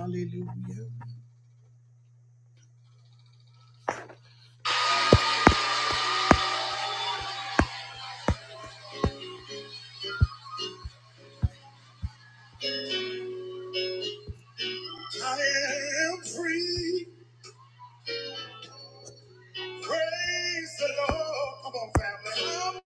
Hallelujah. I am free. Praise the Lord. Come on, family.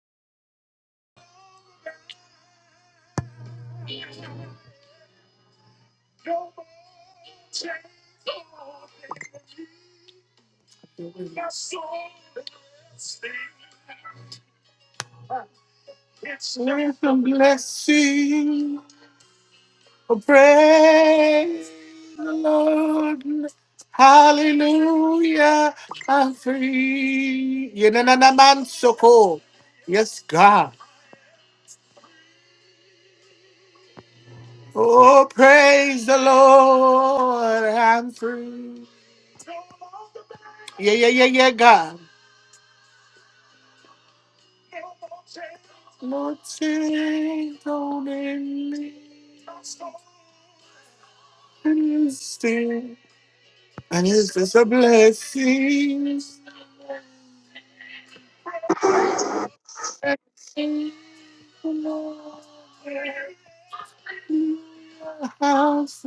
Share some blessing. Oh, Praise the Lord. Hallelujah. I'm free. Yenananamansoko. Yes, God. Oh, praise the Lord. I'm free. Yeah, yeah, yeah, yeah, God. Lord, take hold in me. And it's still- and it's just a blessing. Blessing from all the house.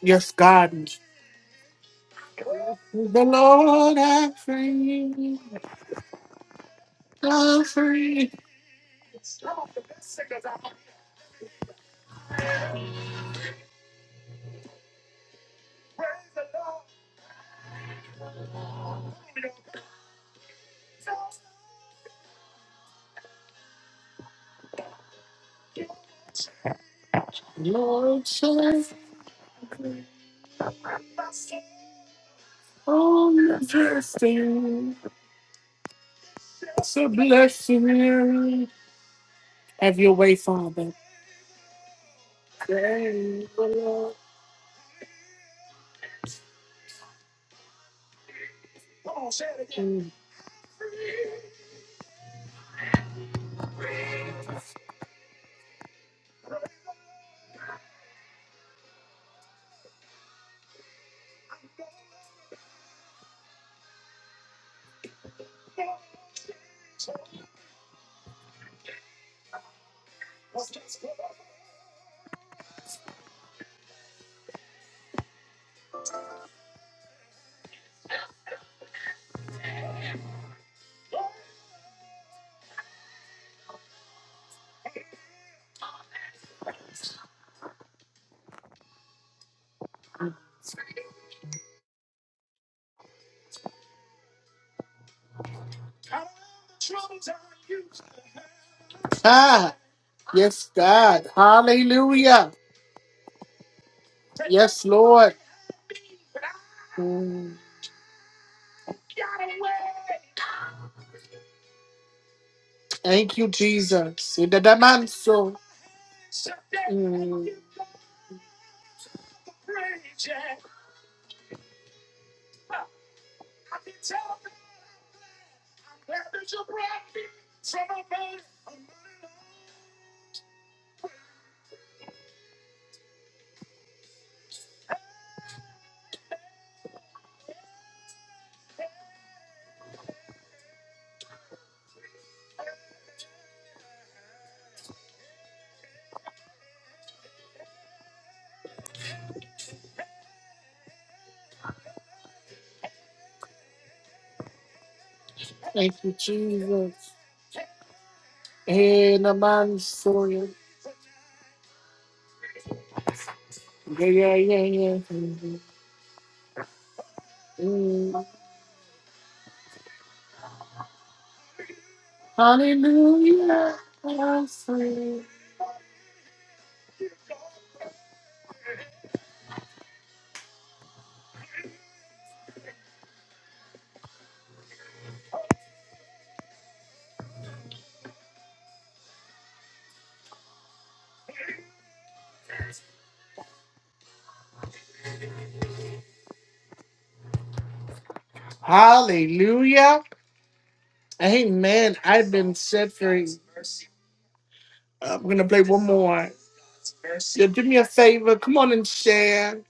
Yes, God. The Lord I free. I free. Lord, shine on the blessing. It's a blessing. Have your way, Father. Ah, yes, God. Hallelujah. Yes, Lord. Mm. Thank you, Jesus. In the man so. Thank you, Jesus. In the man so. Yeah, yeah, yeah, yeah. Mm. Hallelujah. Hallelujah. Amen. I've been set free. I'm going to play. Do me a favor. Come on and share.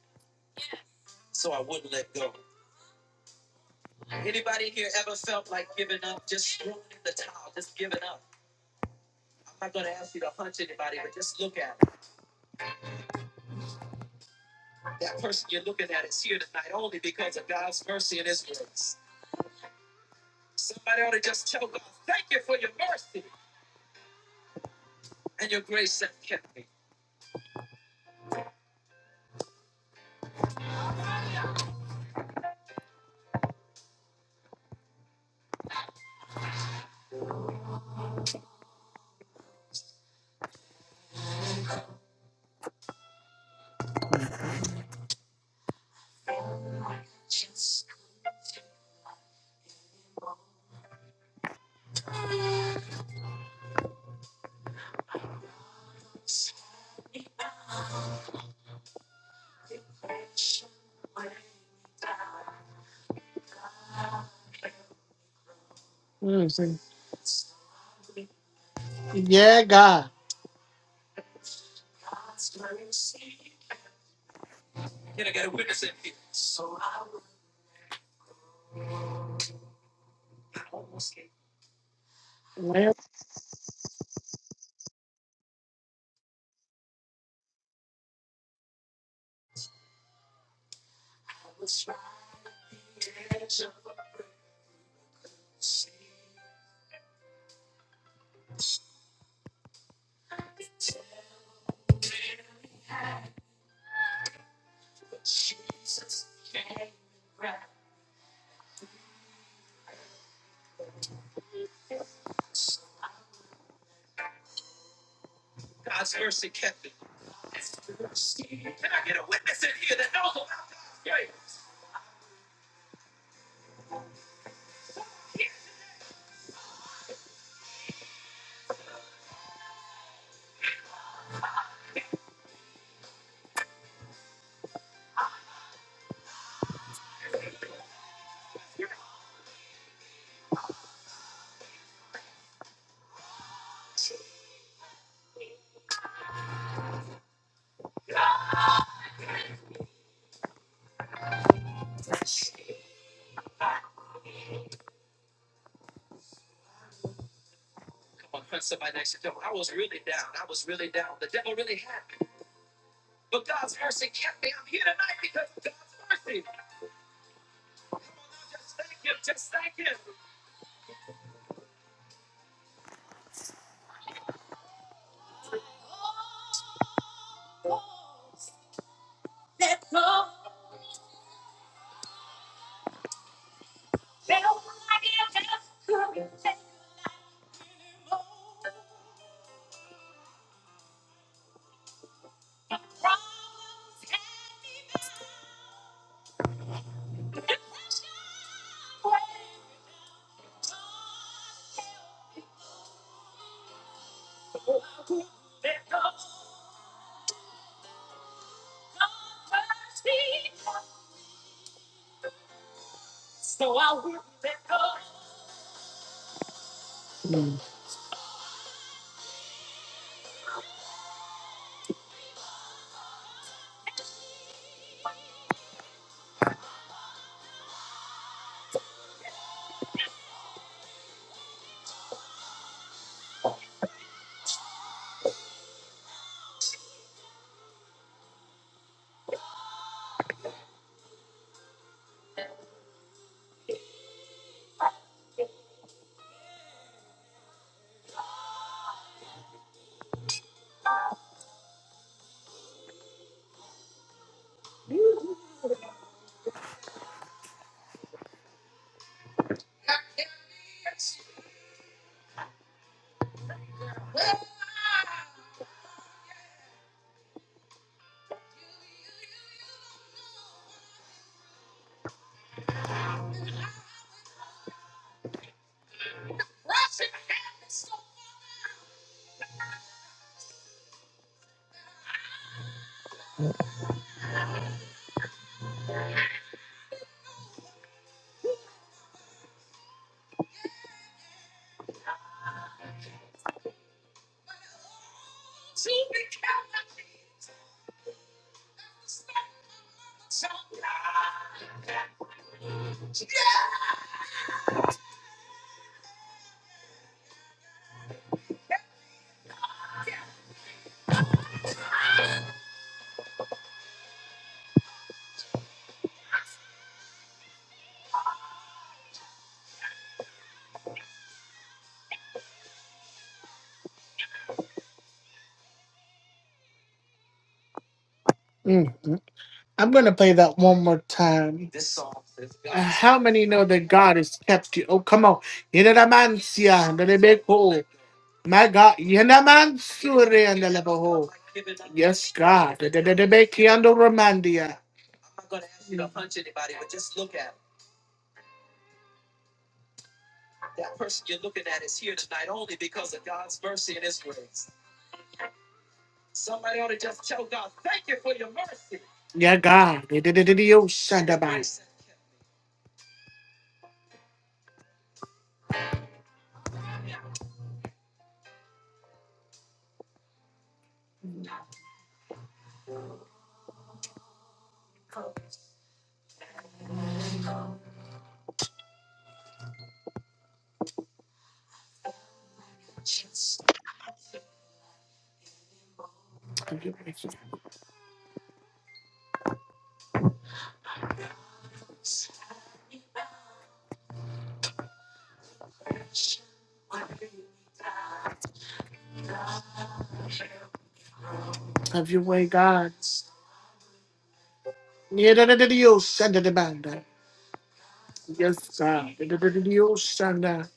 Mm. Yeah, God. Mm. I'm going to play that one more time. How many know that God has kept you? Oh, come on. Yenadamansia, that it- My God. Yenamansurian, that it make you under Romandia. Yeah, God. Yedidididiyosanda. Have your way, Have your way, God. Yedidididiyosanda demanda. Yes, God. Yedidididiyosanda.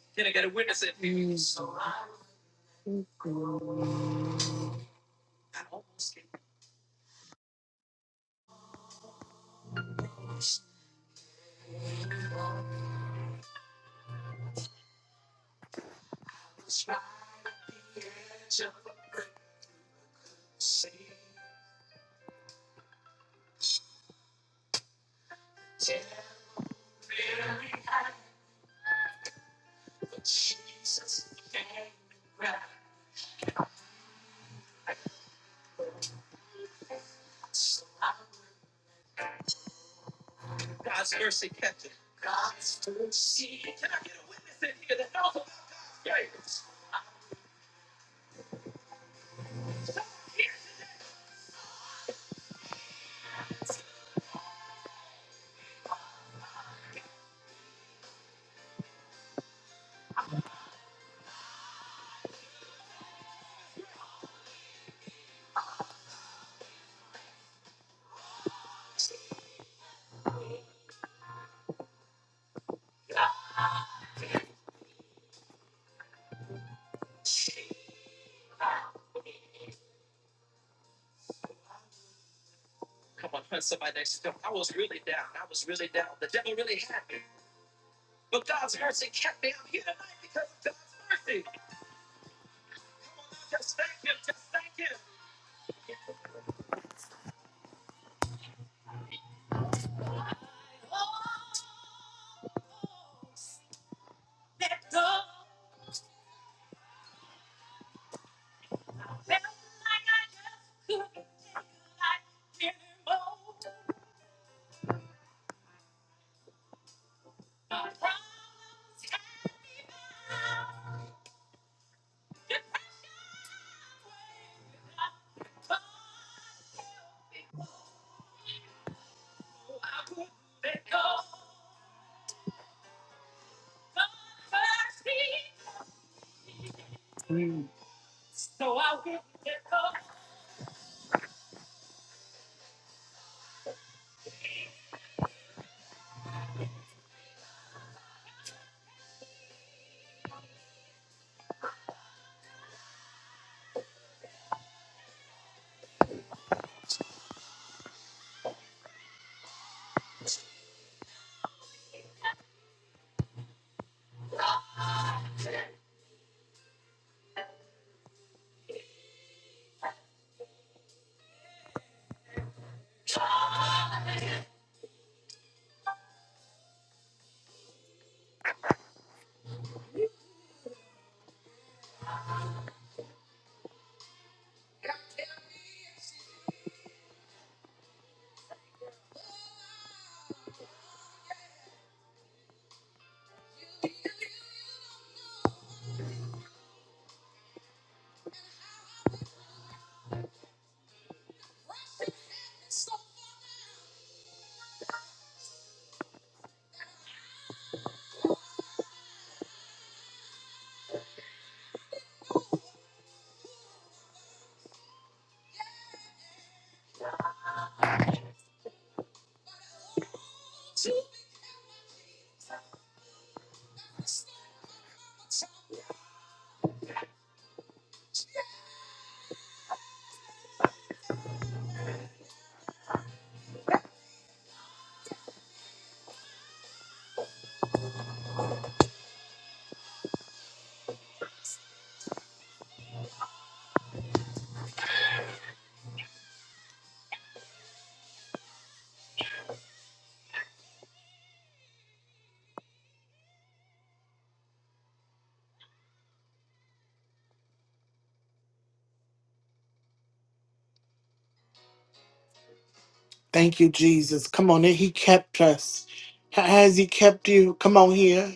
Thank you, Jesus. Come on, He kept us. Ha- Has He kept you? Come on here.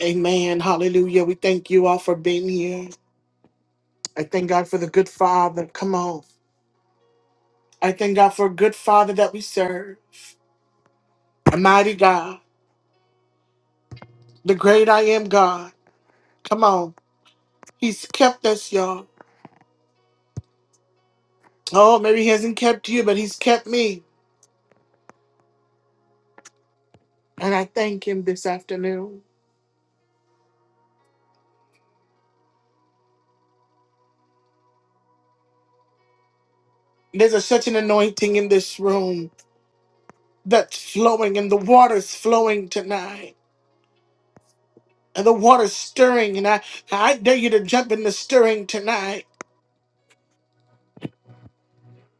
Amen. Hallelujah. We thank you all for being here. I thank God for the good father. Come on. I thank God for a good father that we serve. A mighty God. The great I am God. Come on. He's kept us, y'all. Oh, maybe he hasn't kept you, but he's kept me. And I thank him this afternoon. There's a, such an anointing in this room that's flowing, and the water's flowing tonight. And the water's stirring, and I, I dare you to jump in the stirring tonight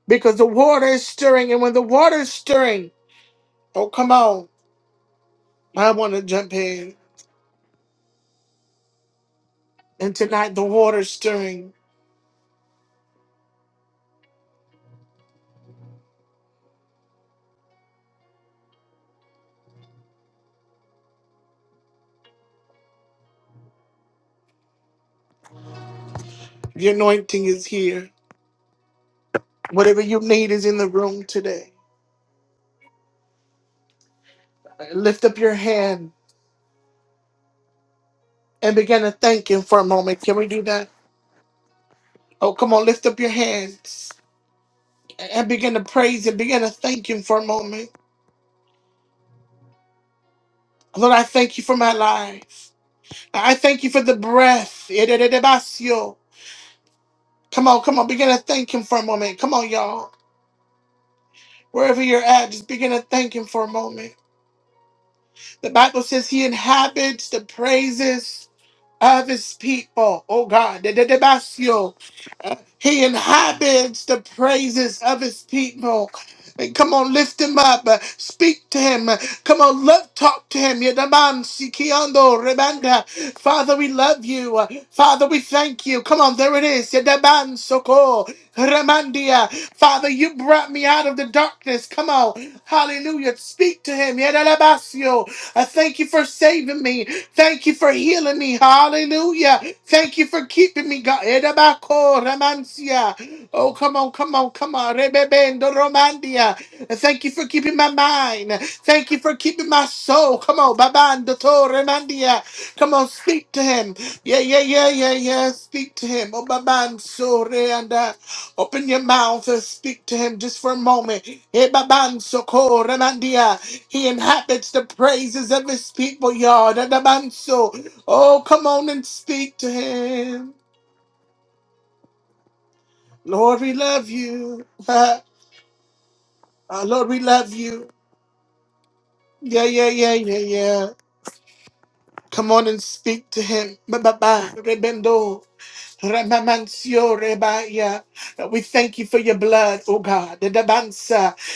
because the water is stirring. And when the water is stirring, oh, come on. I want to jump in. And tonight, the water's stirring. The anointing is here. Whatever you need is in the room today. Lift up your hand and begin to thank Him for a moment. Can we do that? Oh, come on, lift up your hands and begin to praise and begin to thank Him for a moment. Lord, I thank you for my life. I thank you for the breath. Come on, come on, begin to thank Him for a moment. Come on, y'all. Wherever you're at, just begin to thank Him for a moment. The Bible says he inhabits the praises of his people. Oh God, the Dedebasio. He inhabits the praises of his people. And come on, lift him up. Uh, Speak to him. Uh, Come on, love talk to him. Yedaman sikiando rebanda. Father, we love you. Uh, Father, we thank you. Come on, there it is. Yedaman soko remandia. Father, you brought me out of the darkness darkness. Come on. Hallelujah. Speak to him. Yadalabasio. I thank you for saving me. Thank you for healing me. Hallelujah. Thank you for keeping me, God. Edabako ramansia. Oh, come on, come on, come on. Rebebendo romandia. And Thank you for keeping my mind. Thank you for keeping my soul. Come on, babando to remandia. Come on, speak to him. Yeah, yeah, yeah, yeah, yeah. Speak to him. Oh, baban so reanda. Open your mouth and speak to him just for a moment. Ebabanso ramandia. He inhabits the praises of his people, y'all. Dadabanso. Oh, come on and speak to him. Lord, we love you. Ah, Lord, we love you. Yeah, yeah, yeah, yeah, yeah. Come on and speak to him. Ba-ba-ba. Rebendo. Ramamancio rebaya. We thank you for your blood, oh God.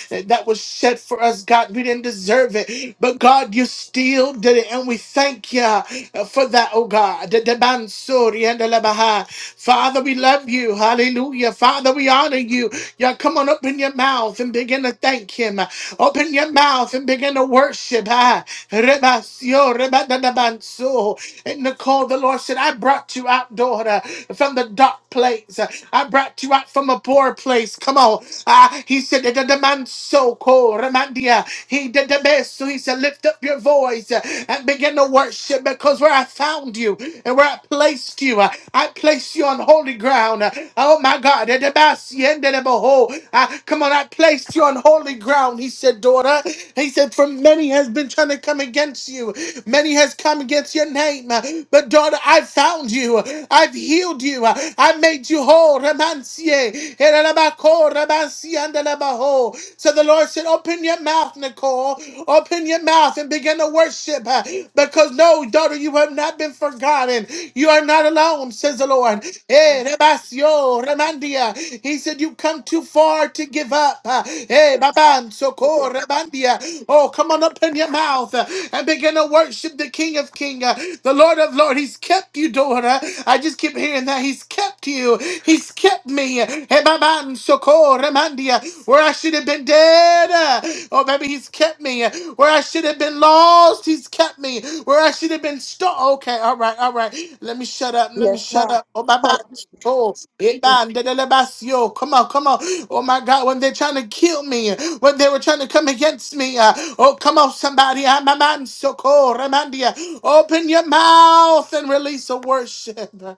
that was set for us, God. We didn't deserve it, but God, you still did it, and we thank you uh, for that, oh God. The- the Bansuri and the Labaha. Father, we love you. Hallelujah. Father, we honor you. Yeah, come on, open your mouth and begin to thank Him. Open your mouth and begin to worship. Ah, Rebasio, Rebadadabanso. And Nicole, the Lord said, I brought you out, daughter, from the dark place. I brought you out from a poor place. Come on. Ah, he said, "The demand so cold, Ramandia." He did the best. So he said, "Lift up your voice uh, and begin to worship, because where I found you and where I placed you, uh, I placed you on holy ground." Uh, Oh my God, the demand, the the behold. Ah, come on, I placed you on holy ground. He said, "Daughter." He said, "For many has been trying to come against you, many has come against your name, uh, but daughter, I found you. I've healed you. I made you whole." Ramansia. Herabako, rabasi, and alabaho. So the Lord said, Open your mouth, Nicole. Open your mouth and begin to worship. uh, Because no, daughter, you have not been forgotten. You are not alone, says the Lord. Hallelujah. Thank Eh, you. Lamb rabasio, ramandia. He said, You come too far to give up. Uh, of eh, God. baban, Feed the soko, rabandia. Oh, come on, open your mouth uh, and begin to worship the King of Kings, uh, the Lord of Lords. He's kept you, daughter. I just keep hearing that. He's kept you you. He's kept me. Hebaban soko remandia, Where I should have been dead. eh. Oh, baby, he's kept me. Where I should have been lost, he's kept me. Where I should have been stuck. Okay, all right, all right. Let me shut up. Let me Yes, shut God. up. Oh, bye bye. Hallelujah. Oh, eban dedelebasio. come on, come on. Oh, my God, when they're trying to kill me, when they were trying to come against me. uh, oh, come on, somebody. Ah, my man, so soko remandia. Open your mouth and release a worship.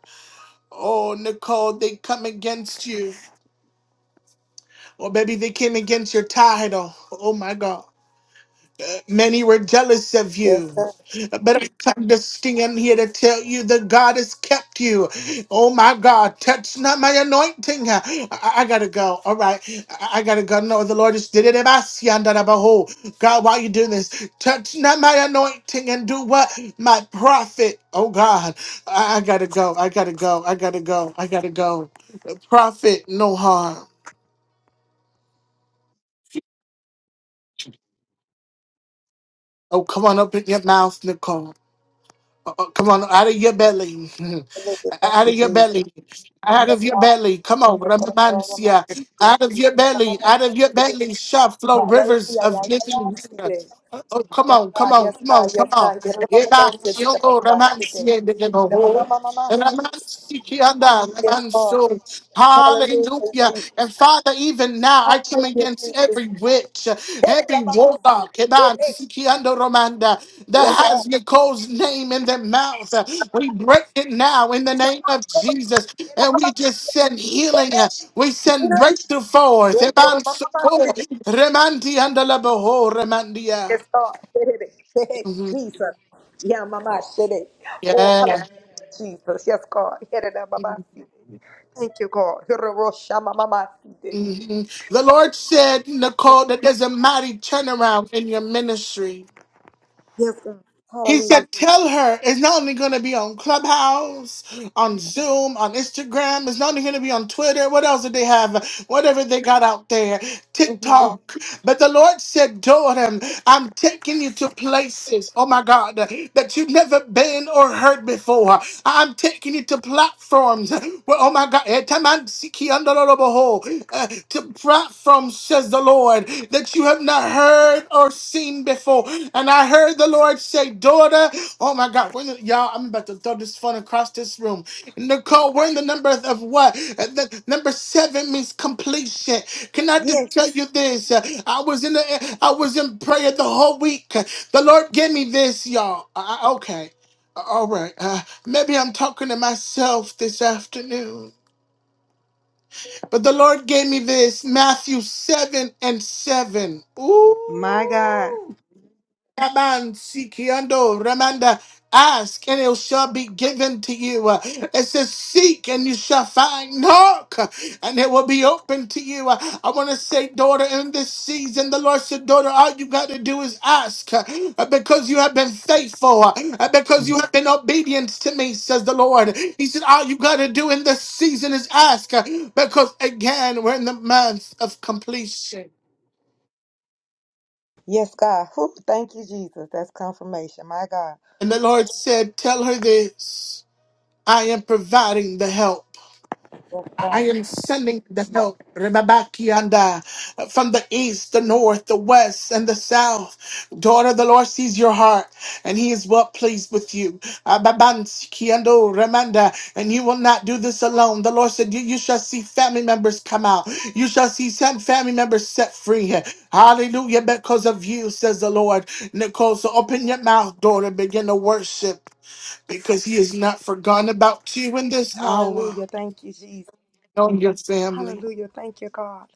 Oh, Nicole, they come against you. Or maybe they came against your title. Oh, my God. Many were jealous of Yes, you. God. But I understand here to tell you that God has kept you. Oh my God, touch not my anointing. I, I gotta go. All right. I, I gotta go. No, the Lord just did it. Abasiyandarabaho. God, while you do this, touch not my anointing and do what? My prophet. Oh God. I, I gotta go. I gotta go. I gotta go. I gotta go. Prophet, no harm. Oh, come on, open your mouth, Nicole. Uh, uh, come on, out of your belly, Hallelujah. Thank out you, of your Jesus. belly, out Yes, of your God. belly. Come on, Thank you, Lord. Ramamansia, out of your Yes, God. belly, out of your belly shall flow Hallelujah. rivers Yeah, of yeah, living yeah. she water. did. Uh, Oh, come Yes, on, come God. on, Yes, come on, God. Yes, come on. God. Yes, God. Eba, yongo, Ramansia, Yes, ndedebo. God. Ramasikianda, Yes, God. Ramanso. Hallelujah, Hallelujah. Jesus. And Father, even now I come Hallelujah, against Jesus. every witch, Hey, every Rabba, Rabba. warlock, Hey, Kedan, hey. Sikiando Romanda, that Yes, has Nicole's name in their mouth. We God. break it now in the name of Jesus. And we just send healing. We send breakthrough forth. Eban Soko, Remandi and Remandi. Yes, God. Jesus. Yeah, Mama. shede. Oh, hallelujah, Jesus. Yes, God. Hereda Mama. Thank you, God. Hererosha Mama. Mhm. The Lord said, Nicole, that there's a mighty turnaround in your ministry. Yes, God. He Hallelujah. said, tell her it's not only going to be on Clubhouse, on Zoom, on Instagram. It's not only going to be on Twitter. What else did they have? Whatever they got out there, Mhm. TikTok. But the Lord said, daughter, I'm taking you to places, oh my God, that you've never been or heard before. I'm taking you to platforms where, oh my God, eh, taman siki andoroboho, uh, to platforms, says the Lord, that you have not heard or seen before. And I heard the Lord say, Daughter, oh my God, we're the- y'all, I'm about to throw this phone across this room. Nicole, we're in the number of what? Uh, The number seven means completion. Can I just Yes. tell you this? Uh, I was in the, I was in prayer the whole week. The Lord gave me this, y'all. I, I- okay. Uh, All right. Uh, maybe I'm talking to myself this afternoon. But the Lord gave me this Matthew 7 and 7. My God. Ooh. Raman, Sikiando, Ramanda, ask and it shall be given to you. Uh, It says, Seek and you shall find, knock uh, and it will be open to you. Uh, I want to say, daughter, in this season, the Lord said, daughter, all you got to do is ask uh, uh, because you have been faithful, uh, uh, because you have been obedient to me, says the Lord. He said, all you got to do in this season is ask uh, because again, we're in the month of completion. Yes, God. Whew, thank you, Jesus. That's confirmation. My God. And the Lord said, tell her this. I am providing the help. Yes, I God. am sending the help Rebabakianda, from the east, the north, the west, and the south. Daughter, the Lord sees your heart, and He is well pleased with you. Ababansikiando, Remanda, and you will not do this alone. The Lord said, You you shall see family members come out. You shall see some family members set free. Hallelujah, because of you, says the Lord. Nicole, so open your mouth, daughter, begin to worship because he is not forgotten about you in this hour Hallelujah. Thank you, Jesus. on your family. Hallelujah. Thank you, God.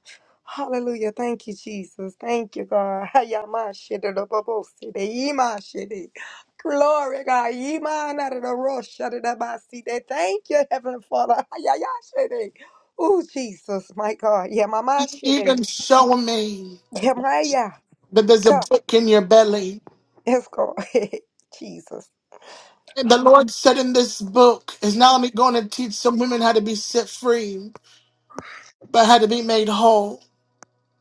Hallelujah. Thank you, Jesus. Thank you, God. Hayamashididabobosidei, imashidi. Glory, God. Imanadadoroshadigabaside. Thank you, Heavenly Father. Hayayashidi. Oh, Jesus, my God. Yeah, Mama He's Shidi. even showing me Yeah, Maya. that there's a God. book in your belly. Yes, God. Jesus. And the Lord said in this book is not only going to teach some women how to be set free, but how to be made whole.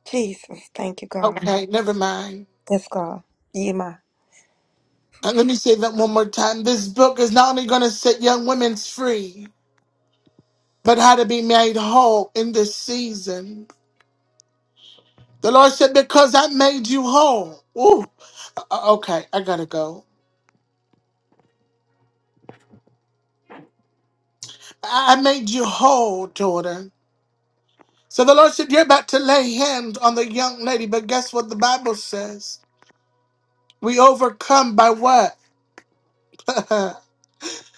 Jesus. Thank you, God. Okay, never mind. Yes, God. Yima. And let me say that one more time. This book is not only going to set young women free, but how to be made whole in this season. The Lord said, Because I made you whole. Ooh, o- okay, I gotta go. I I made you whole, daughter. So the Lord said, You're about to lay hands on the young lady, but guess what the Bible says? We overcome by what?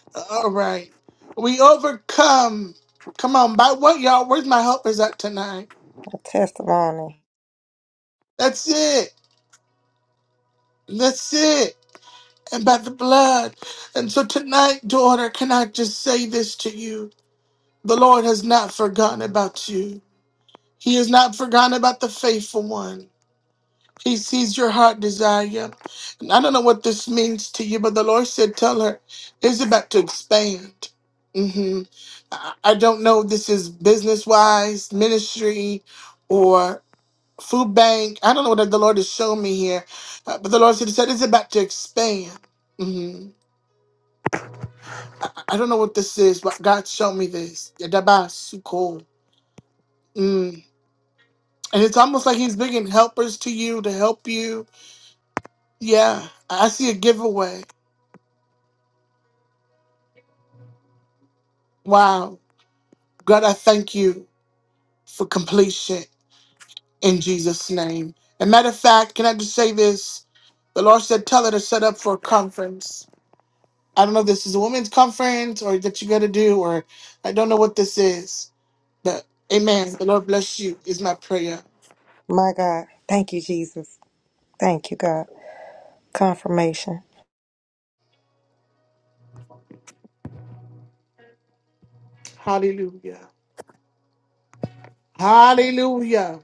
All right. We overcome. Come on, by what, y'all? Where's my helpers at tonight? A testimony. That's it. That's it. And by the blood. And so tonight, daughter, can I just say this to you? The Lord has not forgotten about you. He has not forgotten about the faithful one. He sees your heart desire. And I don't know what this means to you, but the Lord said, Tell her it's about to expand. hmm I I don't know if this is business wise, ministry, or food bank. I don't know what the Lord has shown me here, uh, but the Lord said, said it's about to expand. hmm I, I don't know what this is, but God showed me this. Yadabasuko. Mm. And it's almost like He's bringing helpers to you to help you. Yeah, I I see a giveaway. Wow. God, I thank you for completion in Jesus' name. And matter of fact, can I just say this? The Lord said, tell her to set up for a conference. I don't know if this is a women's conference or that you got to do, or I don't know what this is. But amen. The Lord bless you, is my prayer. My God. Thank you, Jesus. Thank you, God. Confirmation. Hallelujah. Hallelujah.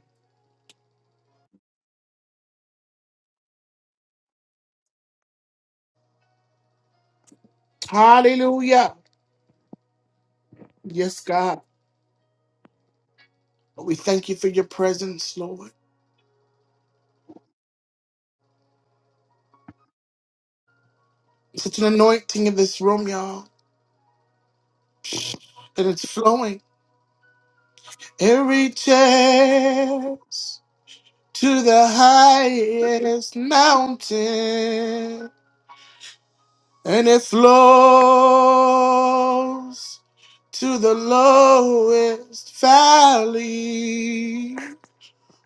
Hallelujah. Yes, God. We thank you for your presence, Lord. Such an anointing in this room, y'all. And it's flowing. Every chance. to the highest mountain, and it flows to the lowest valley.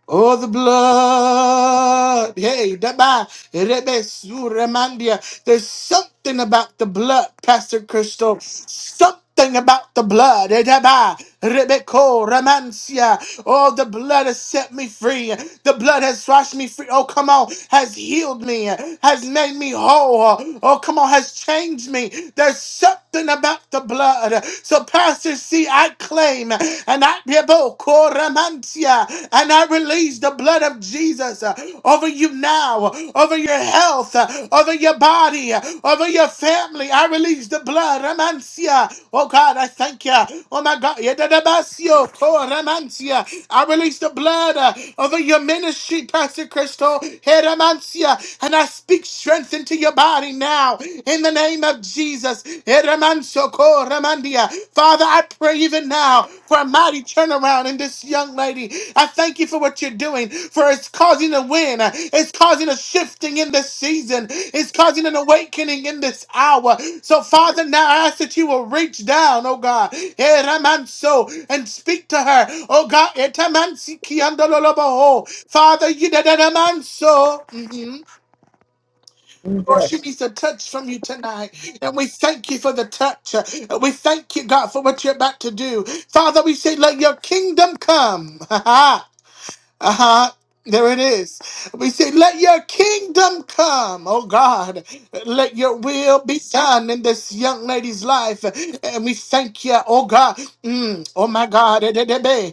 Oh, the blood. Hey, Daba, Rebe Suramandia. There's something about the blood, Pastor Crystal. Something about the blood. Eh, Daba, Rebe Ko Ramansia. Oh, the blood has set me free. The blood has washed me free. Oh, come on. Has healed me. Has made me whole. Oh, come on. Has changed me. There's something about the blood. So, Pastor C, I claim and I Debokoramantia, and I release the blood of Jesus uh, over you now, over your health, uh, over your body, uh, over your family. I release the blood, Ramantia. Oh God, I thank you. Oh my God, Yedadabasio, Koramantia. I release the blood uh, over your ministry, Pastor Crystal, Heramantia, and I speak strength into your body now in the name of Jesus. Jesus. Eremansoko Ramandia. Father, I pray even now for a mighty turnaround in this young lady. I thank you for what you're doing, for it's causing a win. It's causing a shifting in this season. It's causing an awakening in this hour. So, Father, now I ask that you will reach down, oh God, Eramanso, and speak to her. Oh God, Etamansi Kiandololoboho. Father, you did Eramanso. Lord, she needs a touch from you tonight. And we thank you for the touch. And we thank you, God, for what you're about to do. Father, we say, let your kingdom come. Uh huh. There it is. We say, let your kingdom come, oh God. Let your will be done in this young lady's life. And we thank you, oh God. Mm, oh my God.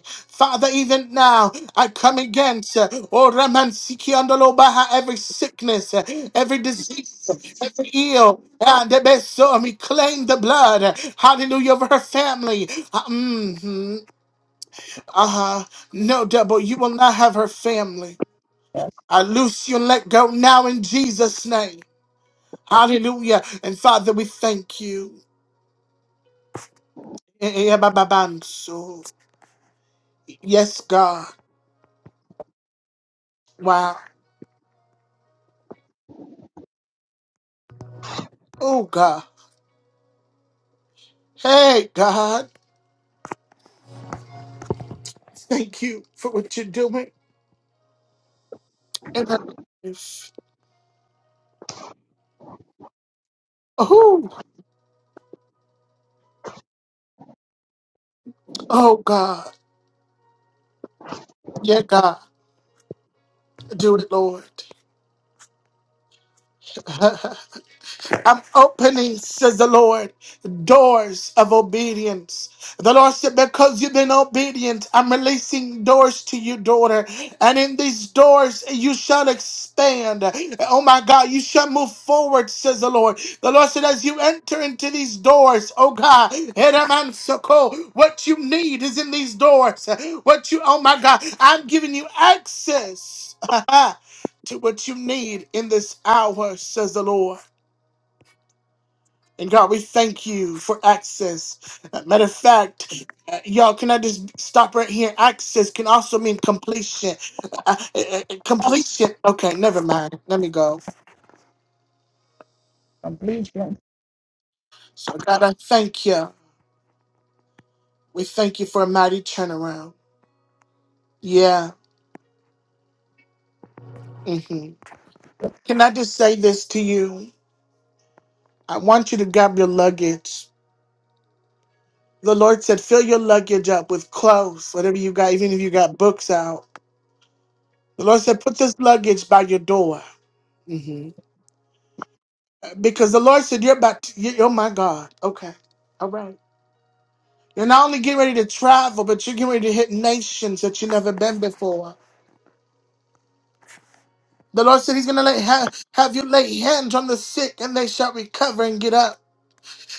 Father, even now, I come against, uh, oh Raman Siki Andolobaha, every sickness, uh, every disease, every ill. And the best, so, and we claim the blood, hallelujah, of her family. Ah, mm-hmm. Uh huh. No, devil, you will not have her family. I loose you and let go now in Jesus' name. Hallelujah. And Father, we thank you. Eh, eh, ba, ba, bam, so. Yes, God. Wow. Oh, God. Hey, God. Thank you for what you're doing in her life. Oh, oh, God. Yeah, God. Do it, Lord. I'm opening, says the Lord, doors of obedience. The Lord said, Because you've been obedient, I'm releasing doors to you, daughter. And in these doors, you shall expand. Oh my God, you shall move forward, says the Lord. The Lord said, As you enter into these doors, oh God, Heramansoko, what you need is in these doors. What you, oh my God, I'm giving you access. to what you need in this hour, says the Lord. And God, we thank you for access. Uh, Matter of fact, uh, y'all, can I just stop right here? Access can also mean completion. Uh, uh, uh, uh, completion. Okay, never mind. Let me go. Completion. So, God, I thank you. We thank you for a mighty turnaround. Yeah. hmm Can I just say this to you? I want you to grab your luggage. The Lord said, fill your luggage up with clothes, whatever you got, even if you got books out. The Lord said, put this luggage by your door. Mm-hmm. Because the Lord said, You're about to, you- you're my God. Okay. All right. You're not only getting ready to travel, but you're getting ready to hit nations that you've never been before. The Lord said He's going to lay, have have you lay hands on the sick and they shall recover and get up.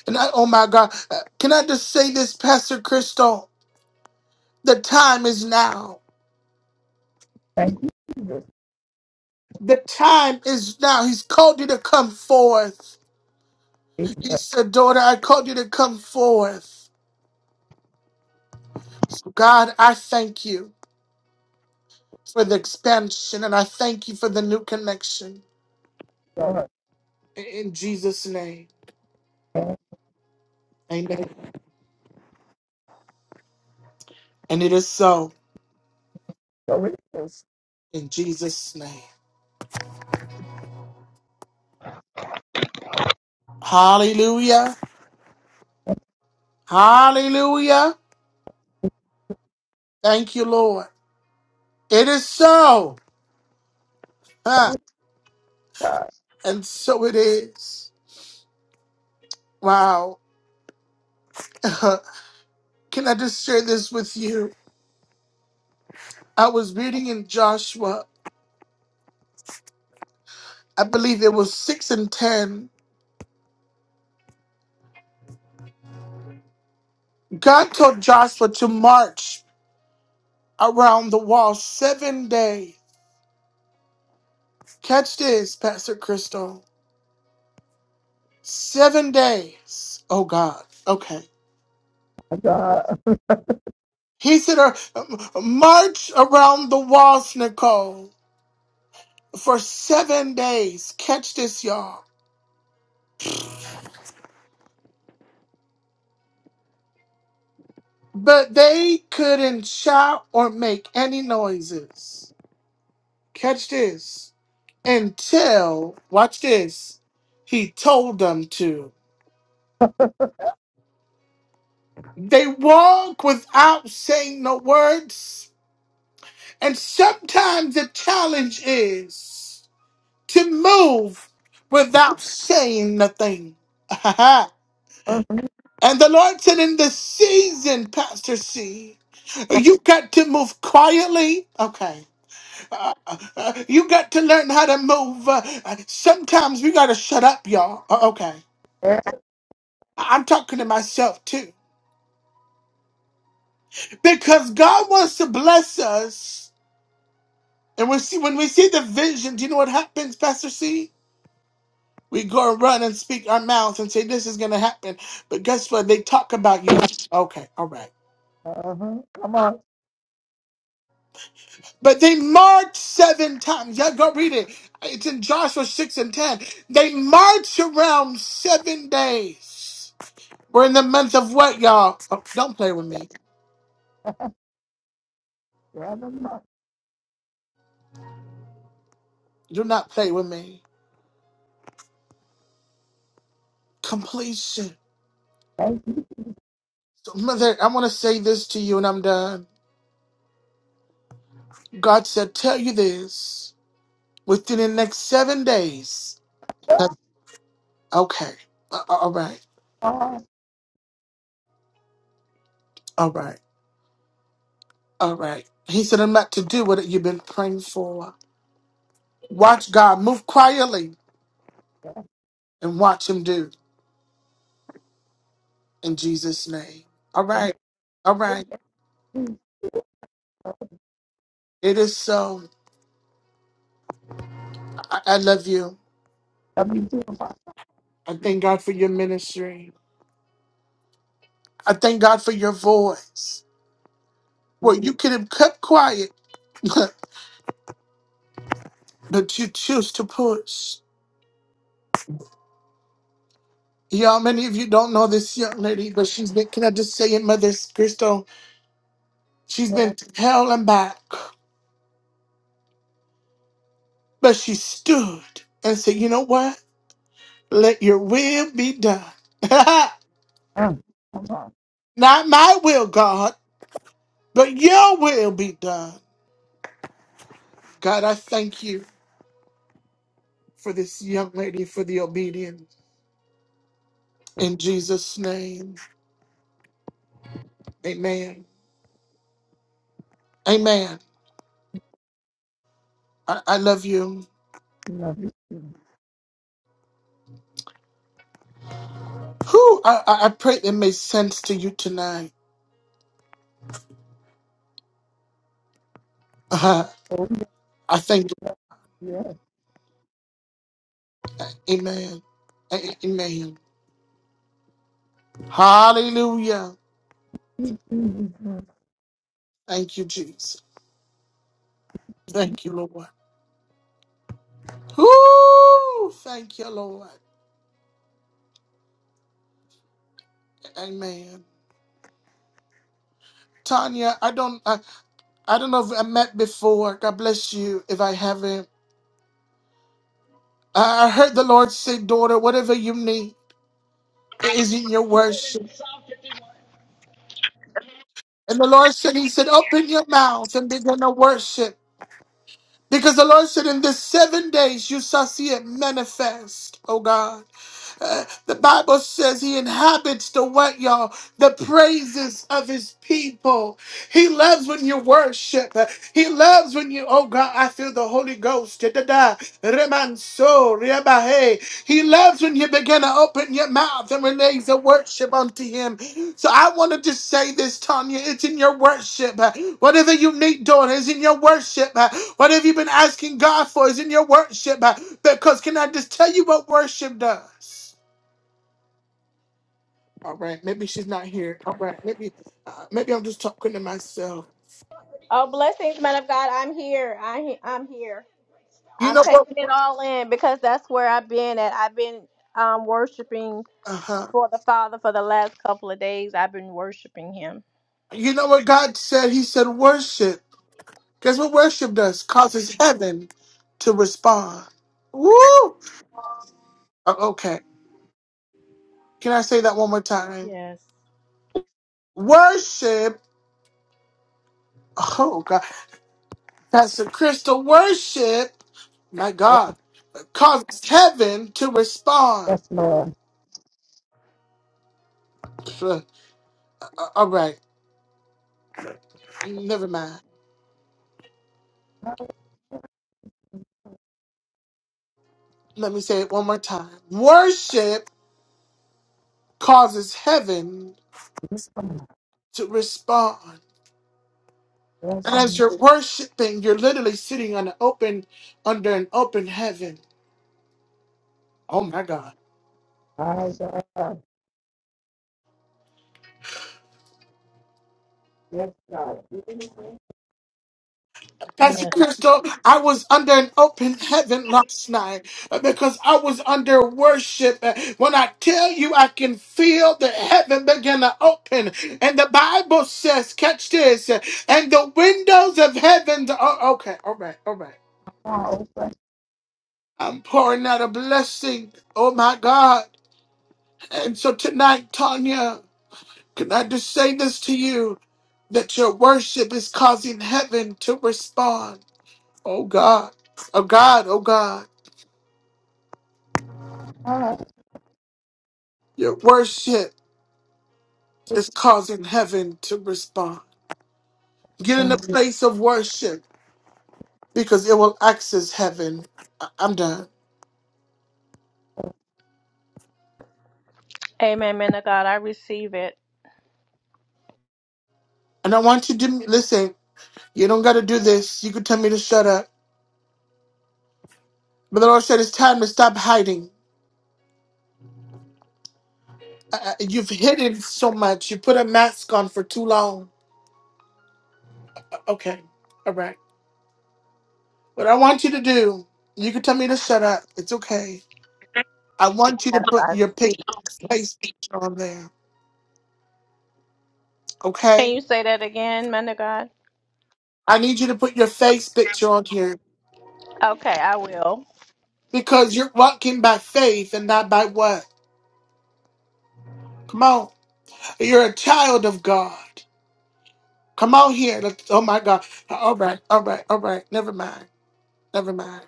And I, oh my God. Uh, Can I just say this, Pastor Crystal? The time is now. Thank you, Jesus. The time is now. He's called you to come forth. Thank He you, said, Daughter, I called you to come forth. So God, I thank you. for the expansion, and I thank you for the new connection. God. In Jesus' name. And Amen. And it is so so it is. in Jesus' name. Hallelujah. Hallelujah. Thank you, Lord. It is so. So Huh. it And so it is. Wow. Can I just share this with you? I was reading in Joshua, I believe it was 6 and 10. God told Joshua to march around the wall seven days. Catch this, Pastor Crystal. Seven days. Oh, God. Okay. is, God. He said, uh, um, March around the walls, Nicole, for seven days. Catch this, y'all. But they couldn't shout or make any noises. Catch this. Until, watch this, he told them to. They walk without saying no words. And sometimes the challenge is. to move without saying nothing. and the Lord said, in this season, Pastor C, you got to move quietly. Okay. Uh, uh, you got to learn how to move. Uh, uh, sometimes we got to shut up, y'all. Uh, okay. Yeah. I- I'm talking to myself too. Because God wants to bless us. And we see when we see the vision, do you know what happens, Pastor C? We go and run and speak our mouths and say this is going to happen. But guess what? They talk about you. Okay, all right. Uh-huh. Come on. But they marched seven times. Yeah, go read it. It's in Joshua 6 and 10. They marched around seven days. We're in the month of what, y'all? Oh, don't play with That's me. rather much. Do not play with me. Completion. Thank you, So, Mother, I want to say this to you and I'm done. God said, tell you this within the next seven days. Okay, a- a- all right. God. All right. All right. He said, I'm not to do what you've been praying for. Watch God move quietly and watch him do in Jesus' name. All And right. All thank right. you. It is so. I, I love you. Love you too. I thank God for your ministry. I thank God for your voice. Well, you could have kept quiet, but you choose to push. Y'all, many of you don't know this young lady, but she's been, can I just say it, Mother Crystal? She's been to hell and back, but she stood and said, you know what? Let your will be done. Come on. Not my will, God, but your will be done. God, I thank you for this young lady for the obedience. In Jesus' name, amen. Amen. I, I love you. Love you too. Who I, I I pray it makes sense to you tonight. Uh, Oh, yeah. I thank you. Yes, Amen. A- Amen. Hallelujah. you too, Jesus. Thank you, Jesus. Thank you, Lord. Whoo! Thank you, Lord. Amen. Tanya, I don't, I, I don't know if I met before. God bless you if I haven't. I, I heard the Lord say, daughter, whatever you need is in your worship. And the Lord said, He said, open your mouth and begin to worship. Because the Lord said, In the seven days you shall see it manifest, oh God. Uh, the Bible says he inhabits the what, y'all? The praises of his people. He loves when you worship. Uh, He loves when you, oh God, I feel the Holy Ghost. Da-da-da. Remanso, riabahe. He loves when you begin to open your mouth and release a worship unto him. So I wanted to say this, Tanya. It's in your worship. Whatever you need doing is in your worship. Whatever you've been asking God for is in your worship. Because can I just tell you what worship does? All right, maybe she's not here. All right, maybe uh, maybe I'm just talking to myself. Oh, blessings, man of God. I'm here. I, he- I'm here. You I'm know what? taking it all in because that's where I've been at. I've been um, worshiping Uh-huh. before the Father for the last couple of days. I've been worshiping Him. You know what God said? He said worship. Guess what worship does? Causes heaven to respond. Woo! Uh, Okay. Can I say that one more time? Yes. Worship Oh God, that's the crystal worship. My Yes, God, causes heaven to respond. yes, Lord. Uh, All right, never mind. Let me say it one more time. Worship causes heaven Yes, Lord. to respond. Yes, And as Lord. you're worshiping, you're literally sitting on an open, under an open heaven. Oh my God. My God. Yes, God. Come Pastor Yes. Crystal, I was under an open heaven last night uh, because I was under worship. Uh, When I tell you, I can feel the heaven begin to open. And the Bible says, catch this, uh, and the windows of heaven. Oh, okay, all right, all right. on, open I'm pouring out a blessing. Oh, my God. And so tonight, Tanya, can I just say this to you that your worship is causing heaven to respond? Oh, God. Oh, God. Oh, God. up. Your worship is causing heaven to respond. Get in a place of worship because it will access heaven. I- I'm done. Amen, man of God. I receive it. And I want you to listen. You don't got to do this. You could tell me to shut up. But the Lord said it's time to stop hiding. Uh, you've hidden so much. You put a mask on for too long. Uh, Okay. All right. What I want you to do, you can tell me to shut up. It's okay. I want you to as put I your speak. pic- face picture on there. Can Okay? you say that again, man of God? I need you to put your face picture on here. Okay, I will. Because you're walking by faith and not by what? Come on. You're a child of God. Come on here. Let's, oh my God. All right. All right. All right. Never mind. Never mind.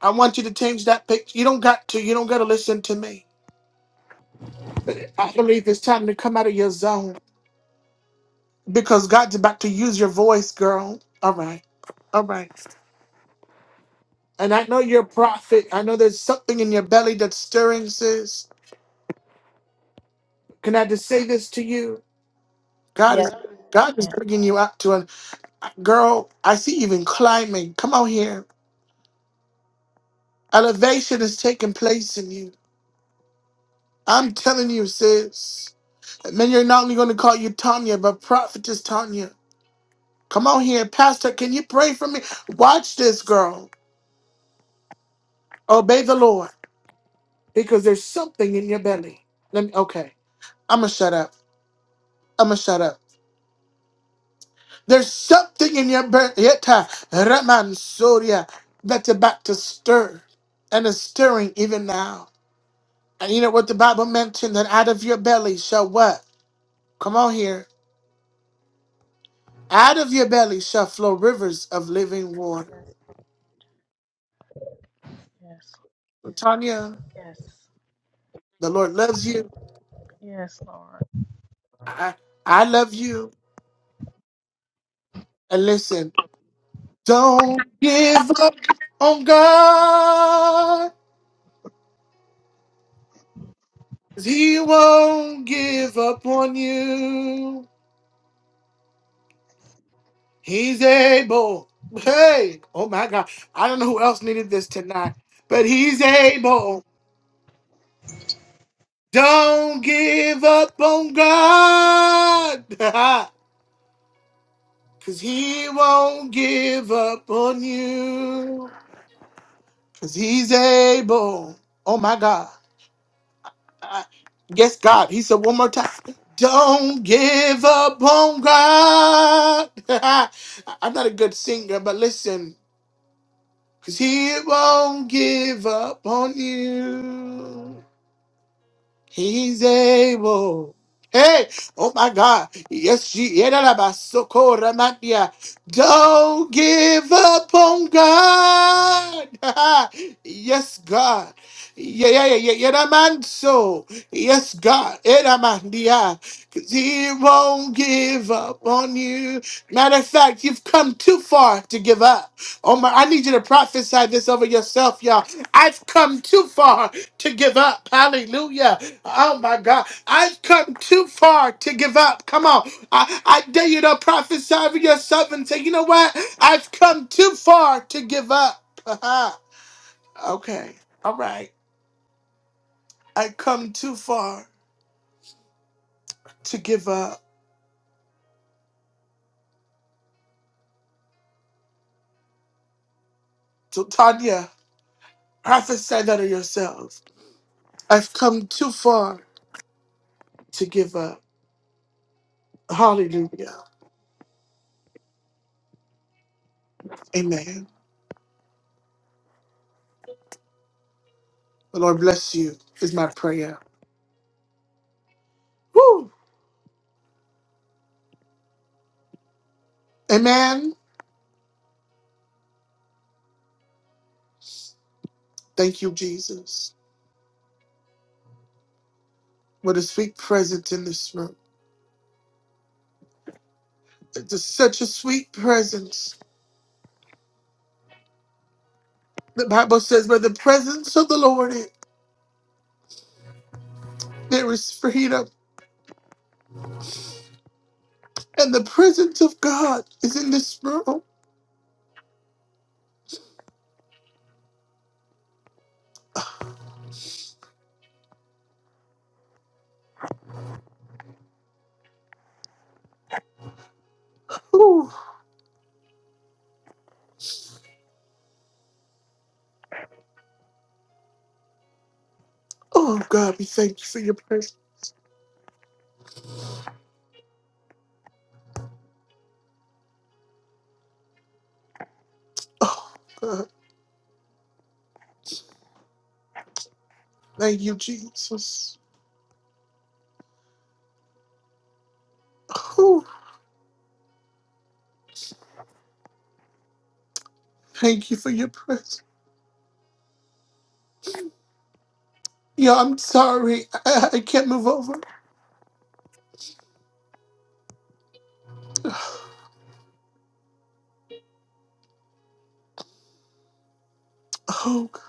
I want you to change that picture. You don't got to. You don't got to listen to me. I believe it's time to come out of your zone because God's about to use your voice, girl. All right. All right. And I know you're a prophet. I know there's something in your belly that's stirring, sis. Can I just say this to you? God is Yes, you God is can. bringing you out to an Girl, I see you even climbing. Come out here. Elevation is taking place in you. I'm telling you, sis. Man, you're not only going to call you Tanya, but prophetess Tanya. Come on here. Pastor, can you pray for me? Watch this, girl. Obey the Lord because there's something in your belly. Let me, okay. I'm going to shut up. I'm going to shut up. There's something in your belly. Raman Soria that's about to stir and is stirring even now. And you know what the Bible mentioned that out of your belly shall what? Come on here. Out of your belly shall flow rivers of living water. Yes, yes, Tanya, yes, the Lord loves you. yes, Lord. I, I love you. And listen, don't give up on God. 'cause He won't give up on you. He's able. Hey, oh my God. I don't know who else needed this tonight, but he's able. Don't give up on God, cause He won't give up on you, cause He's able. Oh my God. I- Yes, God. He said one more time. Don't give up on God. I- I'm not a good singer, but listen, cause He won't give up on you. He's able. Hey, oh my God. Yes, she. Yedalabasoko-ramatia. Don't give up on God. yes, God. Yeah, yeah, yeah, yeah. Yedamanso. Yes, God. Edamandia. 'Cause He won't give up on you. Matter of fact, you've come too far to give up. Oh my, I need you to prophesy this over yourself, y'all. I've come too far to give up. Hallelujah. Oh my God. I've come too far to give up. Come on. I, I dare you to prophesy over yourself and say, you know what? I've come too far to give up. Uh-huh. okay. All right. I've come too far to give up. So, Tanya, prophesy that to yourself. I've come too far to give up. Hallelujah. Amen. The Lord bless you, is my prayer. Woo. Amen. Thank you, Jesus. What a sweet presence in this room. It's such a sweet presence. The Bible says, where the presence of the Lord there is freedom. And the presence of God is in this room. Ooh. Oh, God, we thank you for your presence. Oh, God. Thank you, Jesus. Ooh. Thank you for your presence. Yeah, I'm sorry. I, I I can't move over. Oh, God.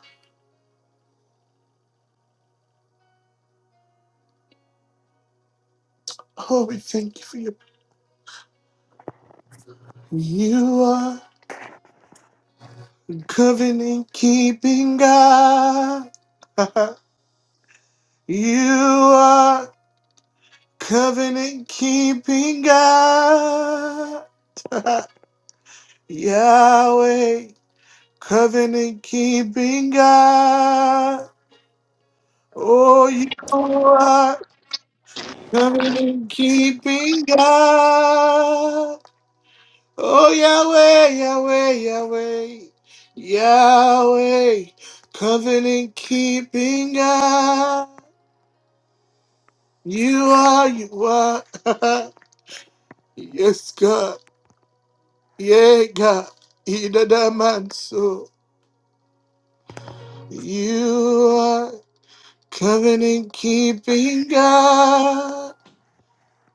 Oh, we thank you for your. You are. Covenant keeping God. you are covenant keeping God. Yahweh, covenant keeping God. Oh, you are covenant keeping God. Oh, Yahweh, Yahweh, Yahweh. Yahweh, covenant keeping God. You are, you are. yes, God. Yeah, God. In the man so. You are covenant keeping God.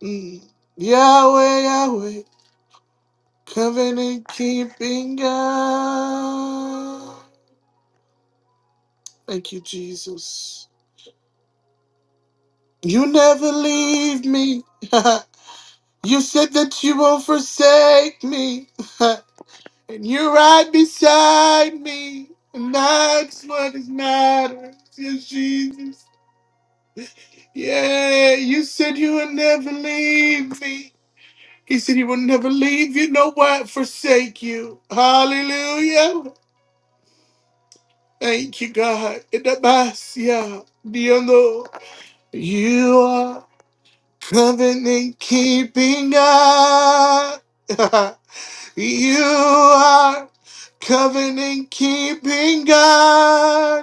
Mm. Yahweh, Yahweh. Covenant keeping God. Thank you, Jesus. You never leave me. you said that you won't forsake me. And you're right beside me. And that's what is matters. Yes, Jesus. Yeah, you said you would never leave me. He said he will never leave you, no what, forsake you. Hallelujah. Thank you, God. Idabasia, Diondo. You are covenant keeping God. you are covenant keeping God.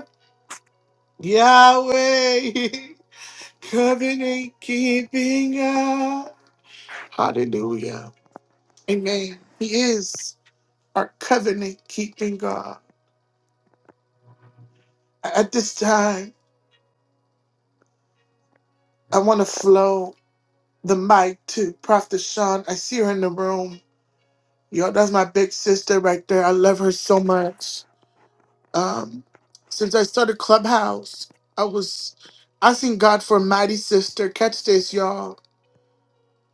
Yahweh, covenant keeping God. Hallelujah. Amen. He is our covenant keeping God. At this time, I want to flow the mic to Prophet Sean. I see her in the room. Yo, that's my big sister right there. I love her so much. Um, since I started Clubhouse, I was asking God for a mighty sister. Catch this, y'all.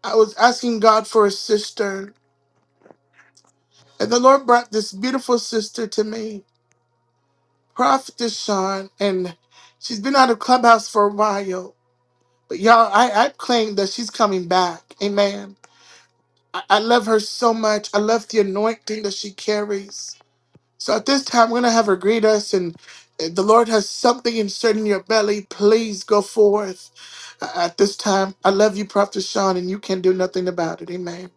I was asking God for a sister And the Lord brought this beautiful sister to me, Prophetess Sean, and she's been out of Clubhouse for a while. But y'all, I, I claim that she's coming back. Amen. I, I love her so much. I love the anointing that she carries. So at this time, we're going to have her greet us. And if the Lord has something inserted in your belly, please go forth A- at this time. I love you, Prophetess Sean, and you can do nothing about it. Amen.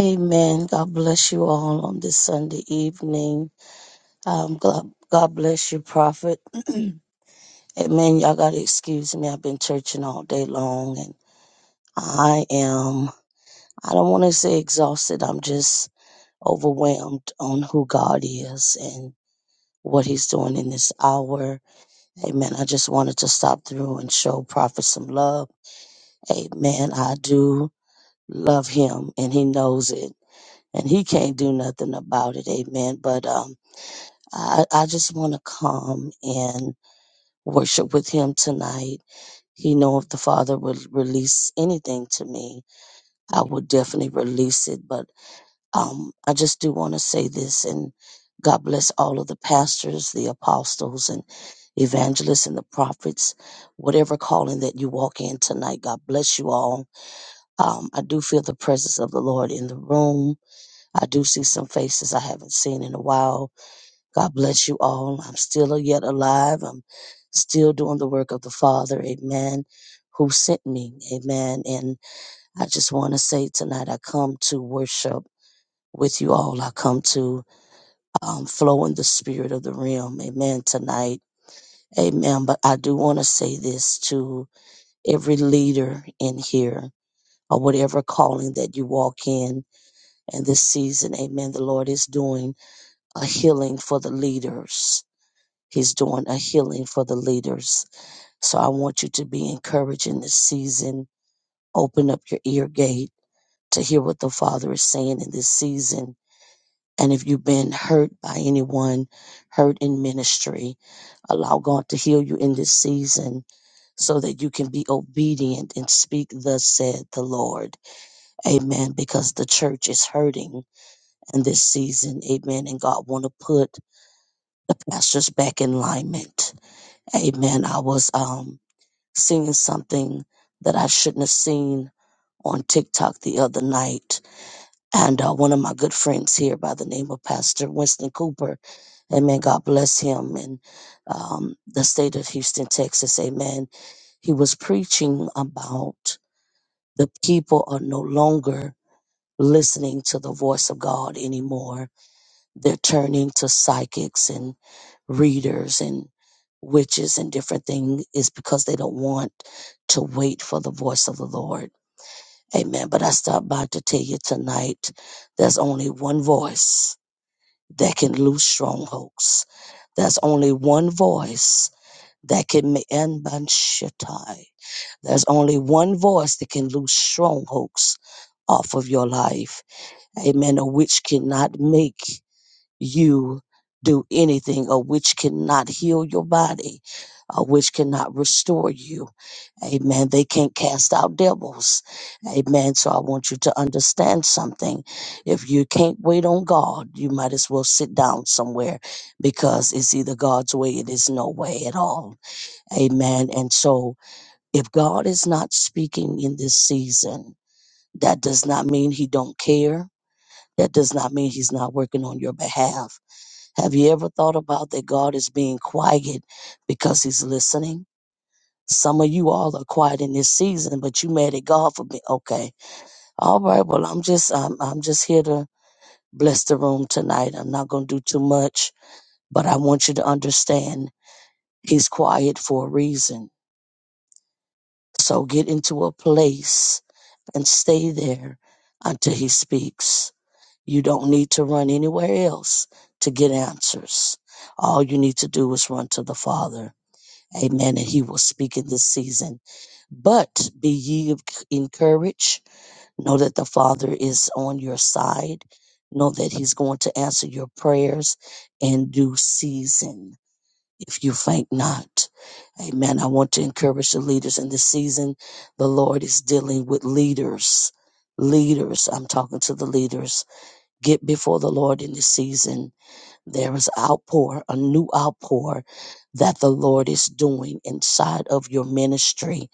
Amen. God bless you all on this Sunday evening. Um, God, God bless you, Prophet. Amen. Y'all got to excuse me. I've been churching all day long and I am, I don't want to say exhausted. I'm just overwhelmed on who God is and what he's doing in this hour. Amen. I just wanted to stop through and show Prophet some love. Amen. I do love him and he knows it and he can't do nothing about it. Amen. But, um, I, I just want to come and worship with him tonight. He know if the Father would release anything to me, I would definitely release it. But um, I just do want to say this, and God bless all of the pastors, the apostles, and evangelists, and the prophets, whatever calling that you walk in tonight. God bless you all. Um, I do feel the presence of the Lord in the room. I do see some faces I haven't seen in a while God bless you all. I'm still yet alive. I'm still doing the work of the Father, amen, who sent me, amen. And I just want to say tonight, I come to worship with you all. I come to um, flow in the spirit of the realm, amen, tonight, amen. But I do want to say this to every leader in here or whatever calling that you walk in. And this season, amen, the Lord is doing a healing for the leaders He's doing a healing for the leaders. So I want you to be encouraged in this season. Open up your ear gate to hear what the Father is saying in this season. And if you've been hurt by anyone, hurt in ministry, allow God to heal you in this season so that you can be obedient and speak, thus said the Lord. Amen. Because the church is hurting in this season. Amen. And God want to put the pastors back in alignment. Amen. I was um Seeing something that I shouldn't have seen on TikTok the other night. And uh, one of my good friends here by the name of Pastor Winston Cooper, amen, God bless him, and um, the state of Houston, Texas, amen. He was preaching about the people are no longer listening to the voice of God anymore they're turning to psychics and readers and witches and different things is because they don't want to wait for the voice of the Lord. Amen. But I stopped by to tell you tonight there's only one voice that can loose strongholds. There's only one voice that can ma- and There's only one voice that can loose strongholds off of your life. Amen. A witch cannot make you do anything or which cannot heal your body or which cannot restore you. Amen. They can't cast out devils. Amen. So I want you to understand something. If you can't wait on God, you might as well sit down somewhere because it's either God's way, it is no way at all. Amen. And so if God is not speaking in this season, that does not mean he don't care. That does not mean he's not working on your behalf have you ever thought about that God is being quiet because he's listening? Some of you all are quiet in this season, but you mad at God for me. Okay. All right. Well, I'm just, I'm, I'm just here to bless the room tonight. I'm not going to do too much, but I want you to understand he's quiet for a reason. So get into a place and stay there until he speaks. You don't need to run anywhere else to get answers. All you need to do is run to the Father. Amen. And he will speak in this season. But be ye of- encouraged. Know that the Father is on your side. Know that he's going to answer your prayers in due season if you faint not. Amen. I want to encourage the leaders in this season. The Lord is dealing with leaders. Leaders, I'm talking to the leaders. Get before the Lord in this season there is outpour, a new outpour that the Lord is doing inside of your ministry.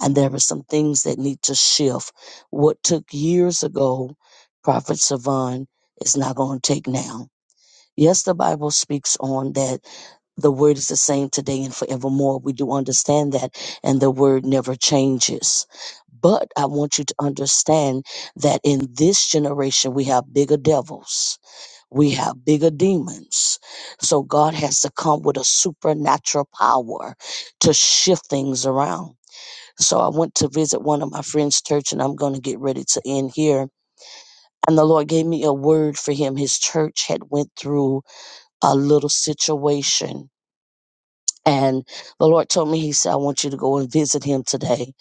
And there are some things that need to shift. What took years ago, Prophet Savan, is not going to take now. Yes, the Bible speaks on that the word is the same today and forevermore. We do understand that, and the word never changes. But I want you to understand that in this generation, we have bigger devils we have bigger demons. So God has to come with a supernatural power to shift things around. So I went to visit one of my friend's church and I'm going to get ready to end here. And the Lord gave me a word for him. His church had went through a little situation. And the Lord told me, He said, I want you to go and visit him today.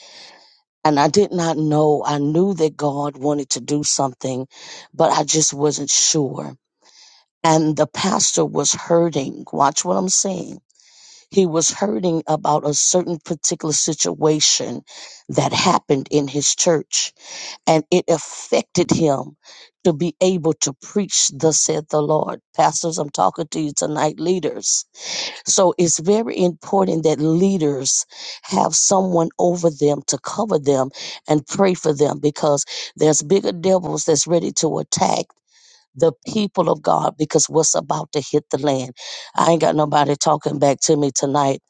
And I did not know. I knew that God wanted to do something, but I just wasn't sure. and the pastor was hurting. Watch what I'm saying. He was hurting about a certain particular situation that happened in his church, and it affected him to be able to preach, thus said the Lord. Pastors, I'm talking to you tonight, leaders. So it's very important that leaders have someone over them to cover them and pray for them because there's bigger devils that's ready to attack the people of God because what's about to hit the land. I ain't got nobody talking back to me tonight.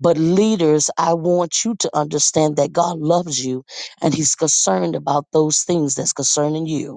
But leaders, I want you to understand that God loves you and He's concerned about those things that's concerning you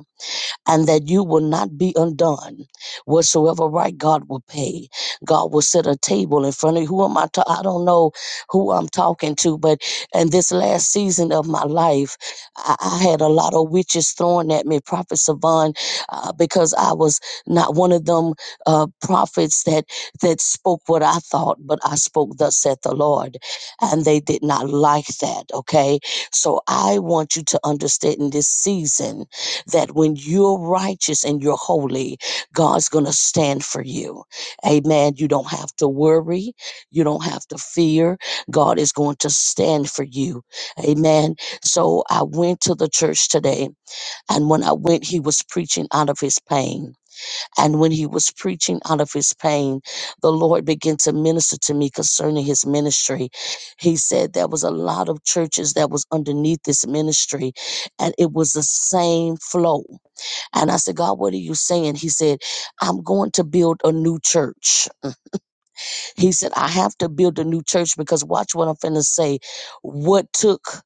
and that you will not be undone. Whatsoever right God will pay, God will set a table in front of you. Who am I? Ta- I don't know who I'm talking to, but in this last season of my life, I, I had a lot of witches thrown at me, Prophet Savon, uh, because I was not one of them uh, prophets that that spoke what I thought, but I spoke thus saith the Lord, and they did not like that. Okay, so I want you to understand in this season that when you're righteous and you're holy, God's going to stand for you. Amen. You don't have to worry. You don't have to fear. God is going to stand for you. Amen. So I went to the church today, and when I went, he was preaching out of his pain. And when he was preaching out of his pain, the Lord began to minister to me concerning his ministry. He said there was a lot of churches that was underneath this ministry, and it was the same flow and I said, God, what are you saying? He said, I'm going to build a new church. He said, I have to build a new church because watch what I'm finna say. What took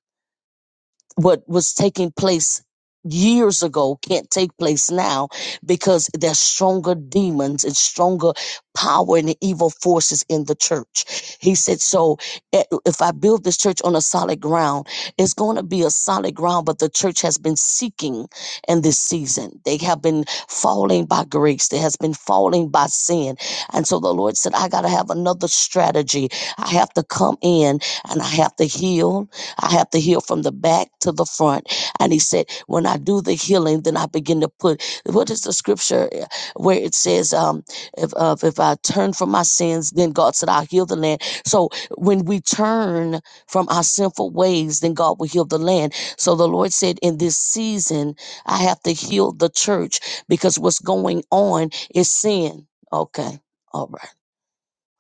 what was taking place years ago can't take place now because there's stronger demons and stronger power and evil forces in the church. He said, so eh, if I build this church on a solid ground, it's going to be a solid ground, but the church has been seeking in this season. They have been falling by grace. They has been falling by sin. And so the Lord said, I got to have another strategy. I have to come in and I have to heal I have to heal from the back to the front. And he said, when I do the healing, then I begin to put, what is the scripture uh, where it says, um, if, uh, if I turn from my sins, then God said, I'll heal the land. So when we turn from our sinful ways, then God will heal the land. So the Lord said, in this season, I have to heal the church because what's going on is sin. Okay. All right.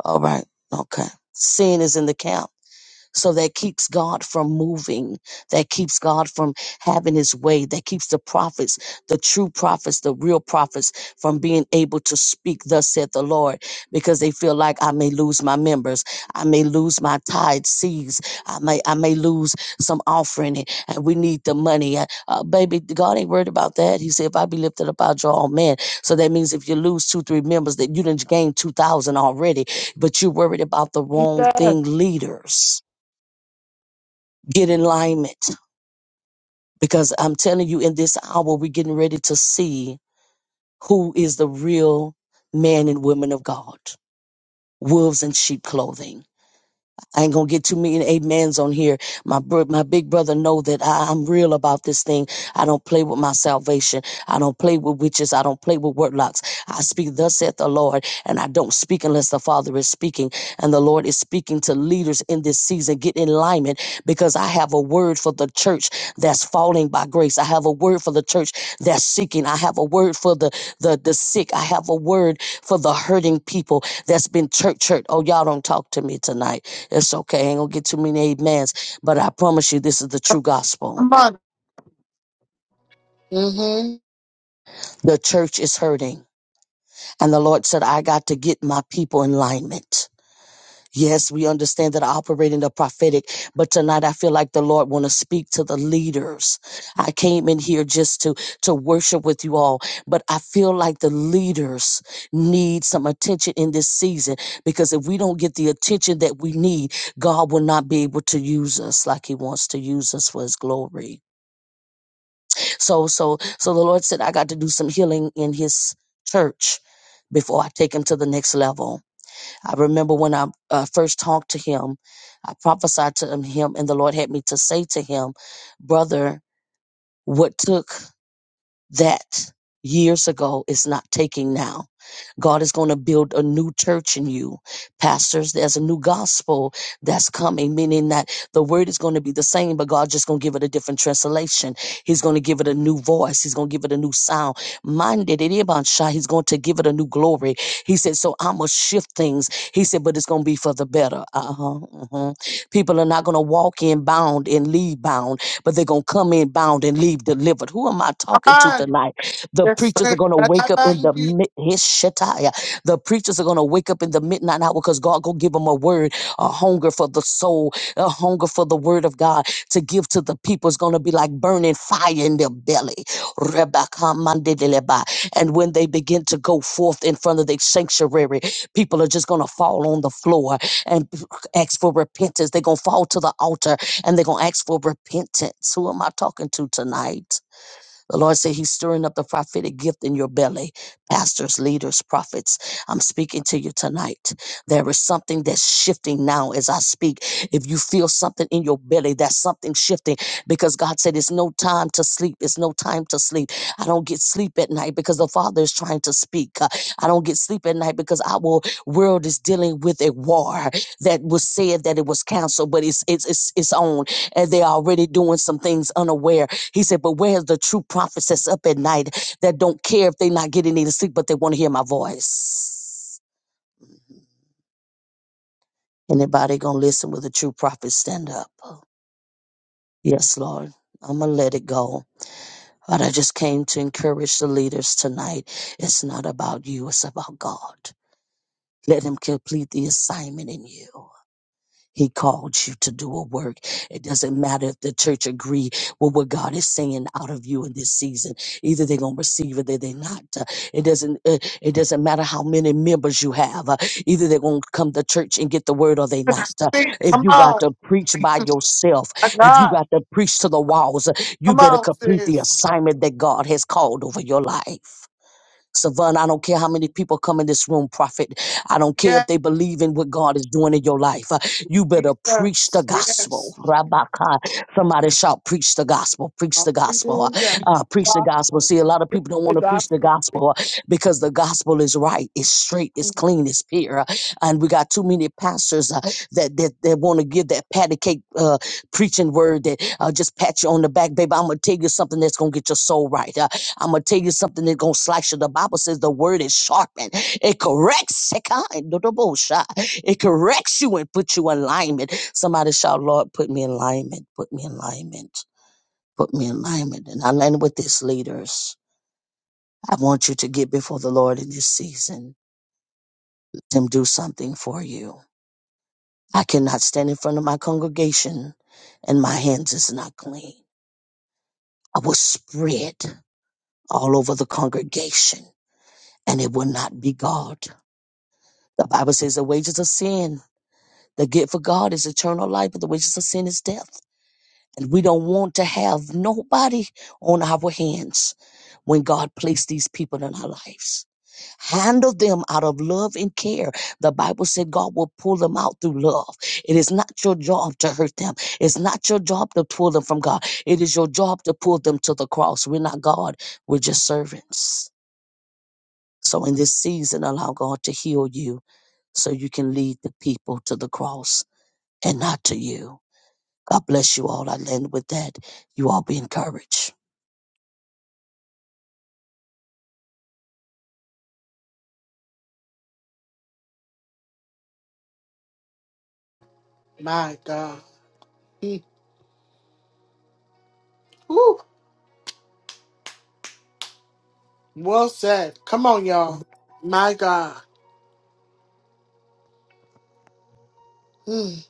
All right. Okay. Sin is in the camp. So that keeps God from moving, that keeps God from having his way, that keeps the prophets, the true prophets, the real prophets from being able to speak, thus saith the Lord, because they feel like I may lose my members, I may lose my tithe seeds, I may, I may lose some offering, and and we need the money. Uh, uh, baby, God ain't worried about that. He said, if I be lifted up, I'll draw all men. So that means if you lose two, three members, that you didn't gain 2,000 already, but you're worried about the wrong Jesus. thing, leaders get in alignment because I'm telling you, in this hour, we're getting ready to see who is the real man and women of God wolves in sheep clothing. I ain't gonna get too many amens on here. My bro- my big brother know that I, I'm real about this thing. I don't play with my salvation. I don't play with witches. I don't play with warlocks. I speak thus saith the Lord, and I don't speak unless the Father is speaking. And the Lord is speaking to leaders in this season. Get in alignment because I have a word for the church that's falling by grace. I have a word for the church that's seeking. I have a word for the the the sick. I have a word for the hurting people that's been church hurt. Oh, y'all don't talk to me tonight. It's okay. Ain't gonna get too many amens, but I promise you, this is the true gospel. Come on. Mm-hmm. The church is hurting, and the Lord said, "I got to get my people in alignment." Yes, we understand that I operate in the prophetic, but tonight I feel like the Lord want to speak to the leaders. I came in here just to to worship with you all, but I feel like the leaders need some attention in this season because if we don't get the attention that we need, God will not be able to use us like He wants to use us for His glory. So so so the Lord said I got to do some healing in his church before I take him to the next level. I remember when I uh, first talked to him, I prophesied to him, him, and the Lord had me to say to him, brother, what took that years ago is not taking now. God is going to build a new church in you. Pastors, there's a new gospel that's coming, meaning that the word is going to be the same, but God's just going to give it a different translation. He's going to give it a new voice. He's going to give it a new sound. Minded, he's going to give it a new glory. He said, so I'm going to shift things. He said, but it's going to be for the better. Uh-huh, uh-huh. People are not going to walk in bound and leave bound but they're going to come in bound and leave delivered. Who am I Come talking to on. tonight? The Yes, preachers are going to wake up in the sir. mid- his shetaya. The preachers are going to wake up in the midnight hour because God going to give them a word, a hunger for the soul, a hunger for the word of God to give to the people. It's going to be like burning fire in their belly. Rebakamandideleba. And when they begin to go forth in front of their sanctuary, people are just going to fall on the floor and ask for repentance. They're going to fall to the altar and they're going to ask for repentance. Who am I talking to tonight? The Lord said He's stirring up the prophetic gift in your belly. Pastors, leaders, prophets, I'm speaking to you tonight. There is something that's shifting now as I speak. If you feel something in your belly, that's something shifting because God said it's no time to sleep. It's no time to sleep. I don't get sleep at night because the Father is trying to speak. Uh, I don't get sleep at night because our world is dealing with a war that was said that it was canceled, but it's it's it's, it's on, and they're already doing some things unaware he said, But where's the true prophets that's up at night that don't care if they're not getting any sleep, but they want to hear my voice? Anybody gonna listen with a true prophet stand up? Yes, Lord. I'm gonna let it go. But I just came to encourage the leaders tonight. It's not about you, it's about God. Let him complete the assignment in you. He called you to do a work. It doesn't matter if the church agree with what God is saying out of you in this season. Either they're gonna receive it, or they're not. Uh, It doesn't. uh, It doesn't matter how many members you have. Uh, Either they're gonna come to church and get the word, or they not. Uh, speak. If Come you got on. to preach by yourself, My if you God. got to preach to the walls, uh, you Come better on, complete the sis. assignment that God has called over your life. Savon, I don't care how many people come in this room, prophet. I don't care if Yes. they believe in what God is doing in your life. Uh, You better preach the Jesus. gospel. Yes. Rabaka. Somebody shout, preach the gospel, preach the gospel, uh, Hallelujah. uh, preach the gospel gospel. See, a lot of Preach people don't the want to preach the gospel. gospel uh, because the gospel is right, it's straight, it's clean, it's pure. Uh, And we got too many pastors uh, that, that, that want to give that patty cake uh, preaching word that uh, just pat you on the back, baby. I'm going to tell you something that's going to get your soul right. Uh, I'm gonna tell you something that's gonna slice you. The Bible says the word is sharpened. It corrects. Sekai, do the bullshot. It corrects you and puts you in alignment. Somebody shout, Lord, put me in alignment. Put me in alignment. Put me in alignment. And I land with this, leaders. I want you to get before the Lord in this season. Let him do something for you. I cannot stand in front of my congregation and my hands is not clean. I will spread all over the congregation and it will not be God. The Bible says the wages of sin, the gift of God is eternal life, but the wages of sin is death. And we don't want to have nobody on our hands when God placed these people in our lives. Handle them out of love and care. The Bible said God will pull them out through love. It is not your job to hurt them. It's not your job to pull them from God. It is your job to pull them to the cross. We're not God. We're just servants. So in this season, allow God to heal you so you can lead the people to the cross and not to you. God bless you all. I end with that. You all be encouraged. My God. Mm. Woo. Well said. Come on, y'all. My God. Mm.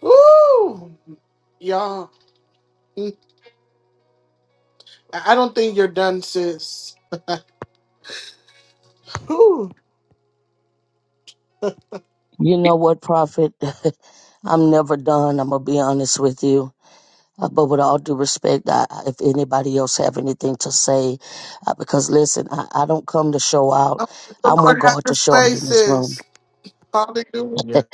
Woo. Y'all. Mm. I I don't think you're done, sis. Woo. You know what, Prophet? I'm never done. I'm gonna be honest with you. Uh, but with all due respect, I, I- if anybody else have anything to say, uh, because listen, I, I don't come to show out. Oh, I The want Lord has God to his show out in this room. faces. Hallelujah.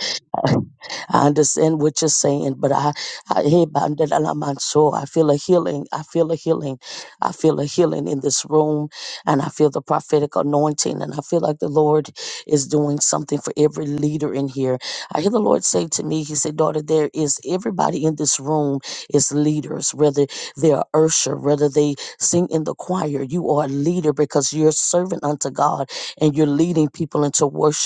I understand what you're saying, but I, I, hear about that and I'm on soul. I feel a healing. I feel a healing. I feel a healing in this room, and I feel the prophetic anointing, and I feel like the Lord is doing something for every leader in here. I hear the Lord say to me, He said, "Daughter, there is everybody in this room is leaders, whether they are usher, whether they sing in the choir. You are a leader because you're a servant unto God, and you're leading people into worship."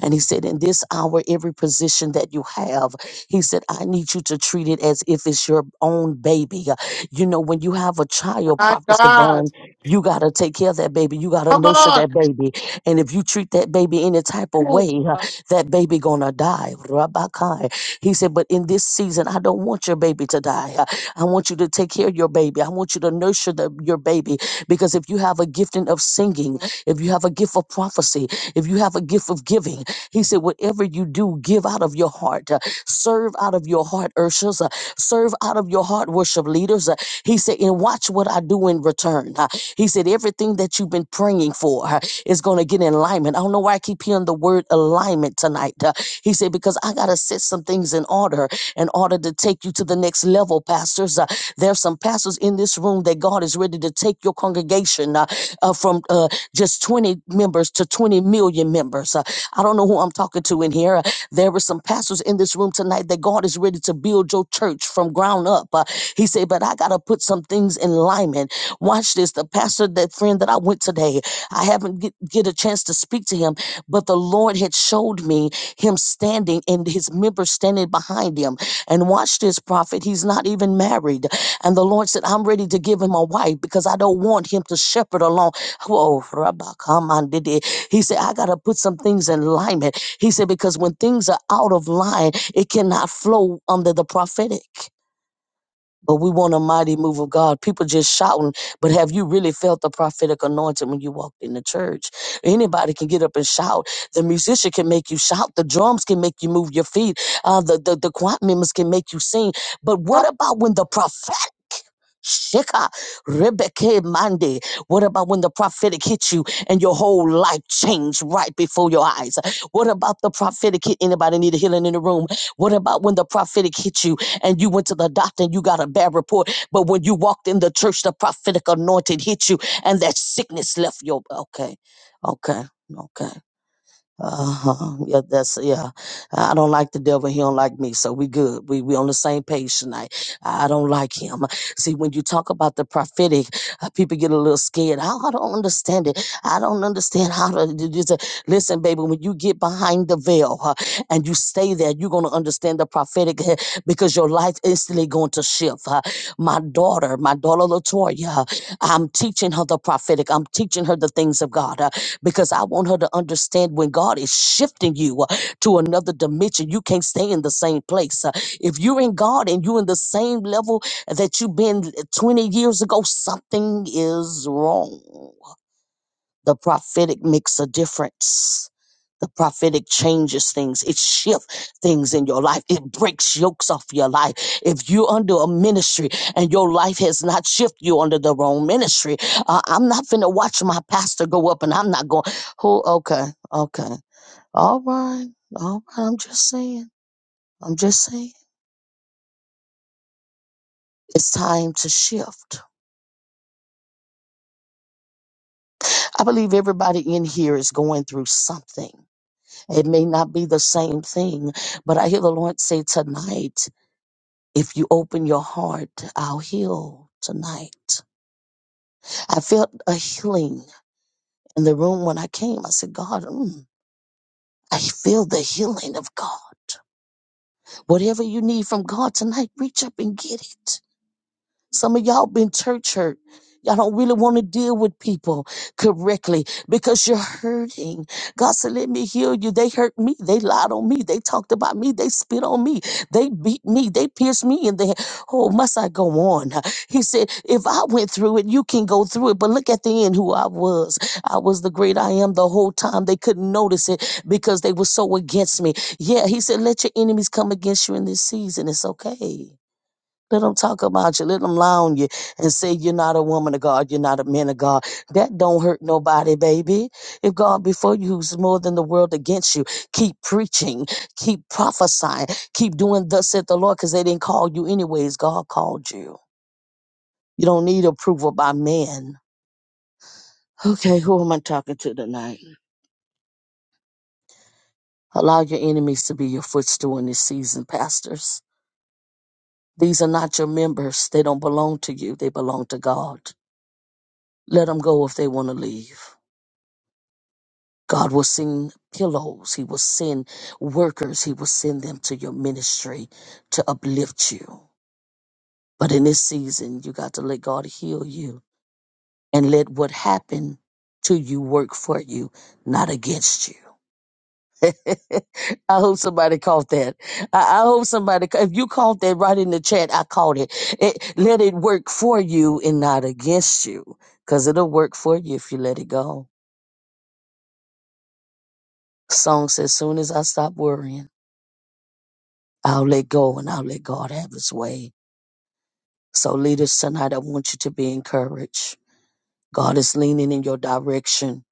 And he said, In this hour, every position that you have, he said, I need you to treat it as if it's your own baby. Uh, You know, when you have a child, My Prophet God. Savon, you got to take care of that baby. You got to Come nurture on. that baby. And if you treat that baby any type of Ooh, way, uh, that baby going to die. Rabbakai. He said, But in this season, I don't want your baby to die. Uh, I want you to take care of your baby. I want you to nurture the, your baby because if you have a gifting of singing, if you have a gift of prophecy, if you have a gift of giving, he said, Whatever you do, give out of your heart, uh, serve out of your heart, Urshas, uh, serve out of your heart, worship leaders. Uh, he said, And watch what I do in return. Uh, he said, Everything that you've been praying for uh, is going to get in alignment. I don't know why I keep hearing the word alignment tonight. Uh, he said, Because I got to set some things in order in order to take you to the next level, pastors. Uh, there's some pastors in this room that God is ready to take your congregation uh, uh, from uh, just 20 members to 20 million members. Uh, I don't know who I'm talking to in here. Uh, There were some pastors in this room tonight that God is ready to build your church from ground up. Uh, he said, but I got to put some things in alignment. Watch this. The pastor, that friend that I went today, I haven't get, get a chance to speak to him, but the Lord had showed me him standing and his members standing behind him. And watch this prophet. He's not even married. And the Lord said, I'm ready to give him a wife because I don't want him to shepherd along. Whoa, Rabba, come on, he said, I got to put some things in alignment. He said, because when things are out of line, it cannot flow under the prophetic. But we want a mighty move of God. People just shouting, but have you really felt the prophetic anointing when you walked in the church? Anybody can get up and shout. The musician can make you shout. The drums can make you move your feet. Uh, the, the, the choir members can make you sing. But Come what about when the prophetic? Shika, Rebecca Monday. What about when the prophetic hit you and your whole life changed right before your eyes? What about the prophetic hit? Anybody need a healing in the room? What about when the prophetic hit you and you went to the doctor and you got a bad report. But when you walked in the church, the prophetic anointing hit you and that sickness left your okay. Okay. Okay. Uh-huh. Yeah, that's yeah. I don't like the devil. He don't like me. So we good. We we on the same page tonight. I don't like him. See, when you talk about the prophetic, uh, people get a little scared. I, I don't understand it. I don't understand how to do this. Listen, baby, when you get behind the veil uh, and you stay there, you're going to understand the prophetic uh, because your life instantly going to shift. uh. My daughter, my daughter Latoya, uh, I'm teaching her the prophetic. I'm teaching her the things of God uh, because I want her to understand when God is shifting you uh, to another dimension, you can't stay in the same place. uh, if you're in God and you're in the same level that you've been 20 years ago, something is wrong. The prophetic makes a difference. The prophetic changes things. It shifts things in your life. It breaks yokes off your life. If you're under a ministry and your life has not shifted you under the wrong ministry, uh, I'm not finna watch my pastor go up and I'm not going, who, okay, okay. All right. All right. I'm just saying. I'm just saying. It's time to shift. I believe everybody in here is going through something. It may not be the same thing, but I hear the Lord say tonight, if you open your heart, I'll heal tonight. I felt a healing in the room when I came. I said, God, mm, I feel the healing of God. Whatever you need from God tonight, reach up and get it. Some of y'all been church hurt. Y'all don't really want to deal with people correctly because you're hurting. God said, let me heal you. They hurt me. They lied on me. They talked about me. They spit on me. They beat me. They pierced me in the head. Oh, must I go on? He said, if I went through it, you can go through it. But look at the end who I was. I was the great I am the whole time. They couldn't notice it because they were so against me. Yeah, he said, let your enemies come against you in this season. It's okay. Let them talk about you. Let them lie on you and say you're not a woman of God. You're not a man of God. That don't hurt nobody, baby. If God before you who's more than the world against you, keep preaching, keep prophesying, keep doing thus said the Lord because they didn't call you anyways. God called you. You don't need approval by men. Okay, who am I talking to tonight? Allow your enemies to be your footstool in this season, pastors. These are not your members. They don't belong to you. They belong to God. Let them go if they want to leave. God will send pillows. He will send workers. He will send them to your ministry to uplift you. But in this season, you got to let God heal you and let what happened to you work for you, not against you. I hope somebody caught that. I, I hope somebody, ca- if you caught that right in the chat, I caught it. it. Let it work for you and not against you, because it'll work for you if you let it go. Song says, soon as I stop worrying. I'll let go and I'll let God have his way. So, leaders, tonight I want you to be encouraged. God is leaning in your direction.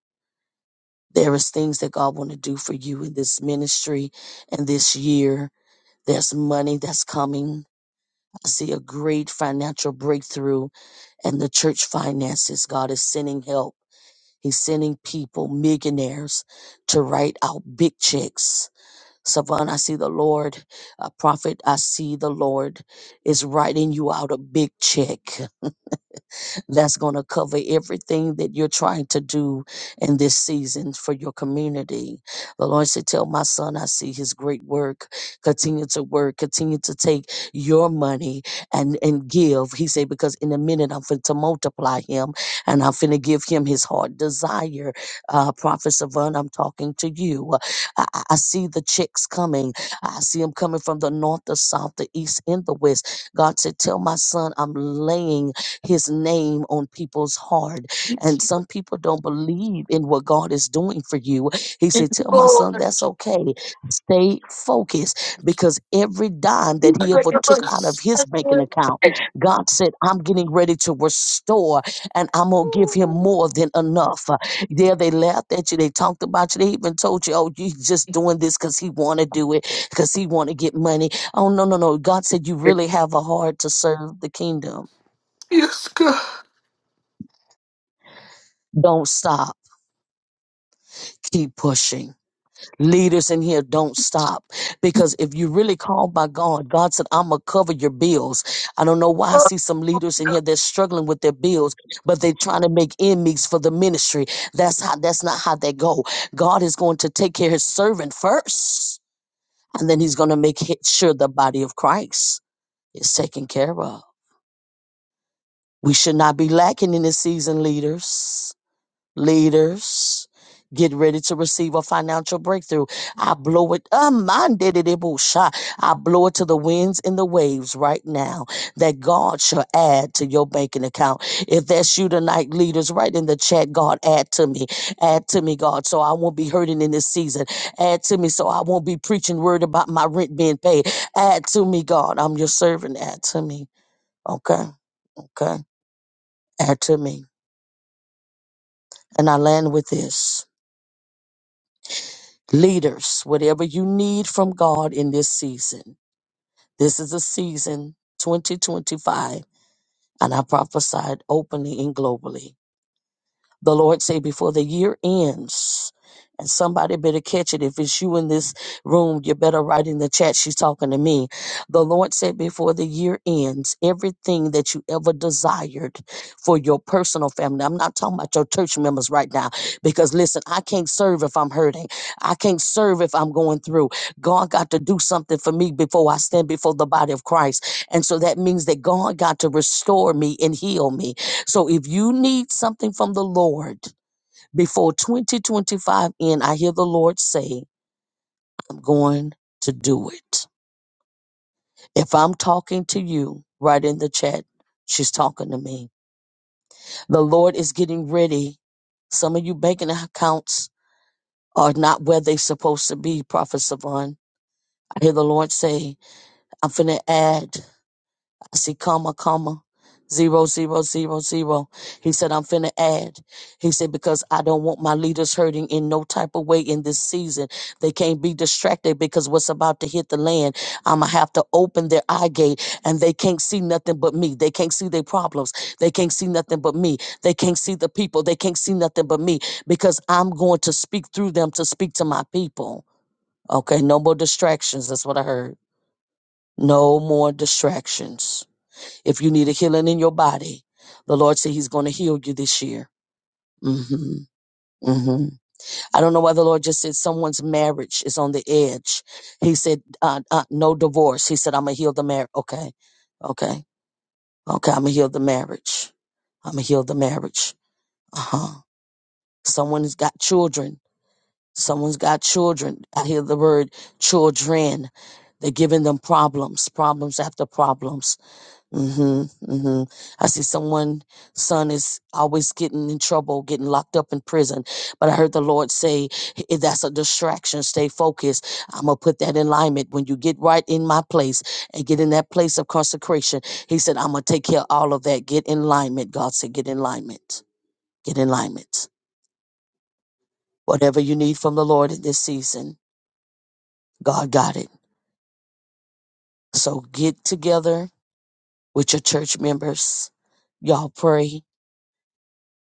There is things that God want to do for you in this ministry and this year. There's money that's coming. I see a great financial breakthrough and the church finances. God is sending help. He's sending people, millionaires, to write out big checks Savon, I see the Lord. Uh, prophet, I see the Lord is writing you out a big check that's going to cover everything that you're trying to do in this season for your community. The Lord said, Tell my son, I see his great work. Continue to work, continue to take your money and, and give. He said, Because in a minute, I'm going to multiply him and I'm going to give him his heart desire. Uh, Prophet Savant, I'm talking to you. I, I I see the checks coming. I see them coming from the north, the south, the east, and the west. God said, Tell my son, I'm laying his name on people's heart. And some people don't believe in what God is doing for you. He on, said, Tell my son Lord. that's okay. Stay focused because every dime that he ever took out of his banking You're account, good. God said, I'm getting ready to restore and I'm going to give him more than enough. Uh, There they laughed at you. They talked about you. They even told you, oh, you just doing this because he want to do it, because he want to get money. Oh, no, no, no. God said, you really have a heart to serve the kingdom You're good. Don't stop. Keep pushing. Leaders in here, don't stop. Because if you really called by God, God said, I'm going to cover your bills. I don't know why I see some leaders in here, they're struggling with their bills, but they're trying to make enemies for the ministry. That's how, that's not how they go. God is going to take care of his servant first, and then he's going to make he- sure the body of Christ is taken care of. We should not be lacking in this season, leaders. leaders get ready to receive a financial breakthrough i blow it um, man, did it, it bush, ah. i blow it to the winds and the waves right now that god shall add to your banking account if that's you tonight leaders right in the chat god add to me add to me god so i won't be hurting in this season add to me so i won't be preaching word about my rent being paid add to me god i'm your servant add to me okay okay add to me and i land with this leaders, whatever you need from God in this season. This is a season 2025, and I prophesied openly and globally. The Lord say before the year ends, and somebody better catch it. If it's you in this room, you better write in the chat. She's talking to me. The Lord said before the year ends, everything that you ever desired for your personal family. I'm not talking about your church members right now, because listen, I can't serve if I'm hurting. I can't serve if I'm going through. God got to do something for me before I stand before the body of Christ. And so that means that God got to restore me and heal me. So if you need something from the Lord before 2025 end, I hear the Lord say, I'm going to do it. If I'm talking to you, right in the chat, she's talking to me. The Lord is getting ready. Some of you banking accounts are not where they're supposed to be, Prophet Savon. I hear the Lord say, I'm finna add. I see comma, comma, zero, zero, zero, zero. He said, I'm finna add. He said, because I don't want my leaders hurting in no type of way in this season. They can't be distracted because what's about to hit the land. I'ma have to open their eye gate and they can't see nothing but me. They can't see their problems. They can't see nothing but me. They can't see the people. They can't see nothing but me because I'm going to speak through them to speak to my people. Okay, no more distractions. That's what I heard. No more distractions. If you need a healing in your body, the Lord said He's going to heal you this year. hmm hmm I don't know why the Lord just said someone's marriage is on the edge. He said, uh, uh, no divorce. He said, I'm going to heal the marriage. Okay. Okay. Okay. I'm going to heal the marriage. I'm going to heal the marriage. Uh huh. Someone's got children. Someone's got children. I hear the word children. They're giving them problems, problems after problems hmm hmm I see someone son is always getting in trouble, getting locked up in prison. But I heard the Lord say, "If that's a distraction. Stay focused. I'm gonna put that in alignment. When you get right in my place and get in that place of consecration, he said, I'm gonna take care of all of that. Get in alignment. God said, get in alignment. Get in alignment. Whatever you need from the Lord in this season, God got it. So get together with your church members. Y'all pray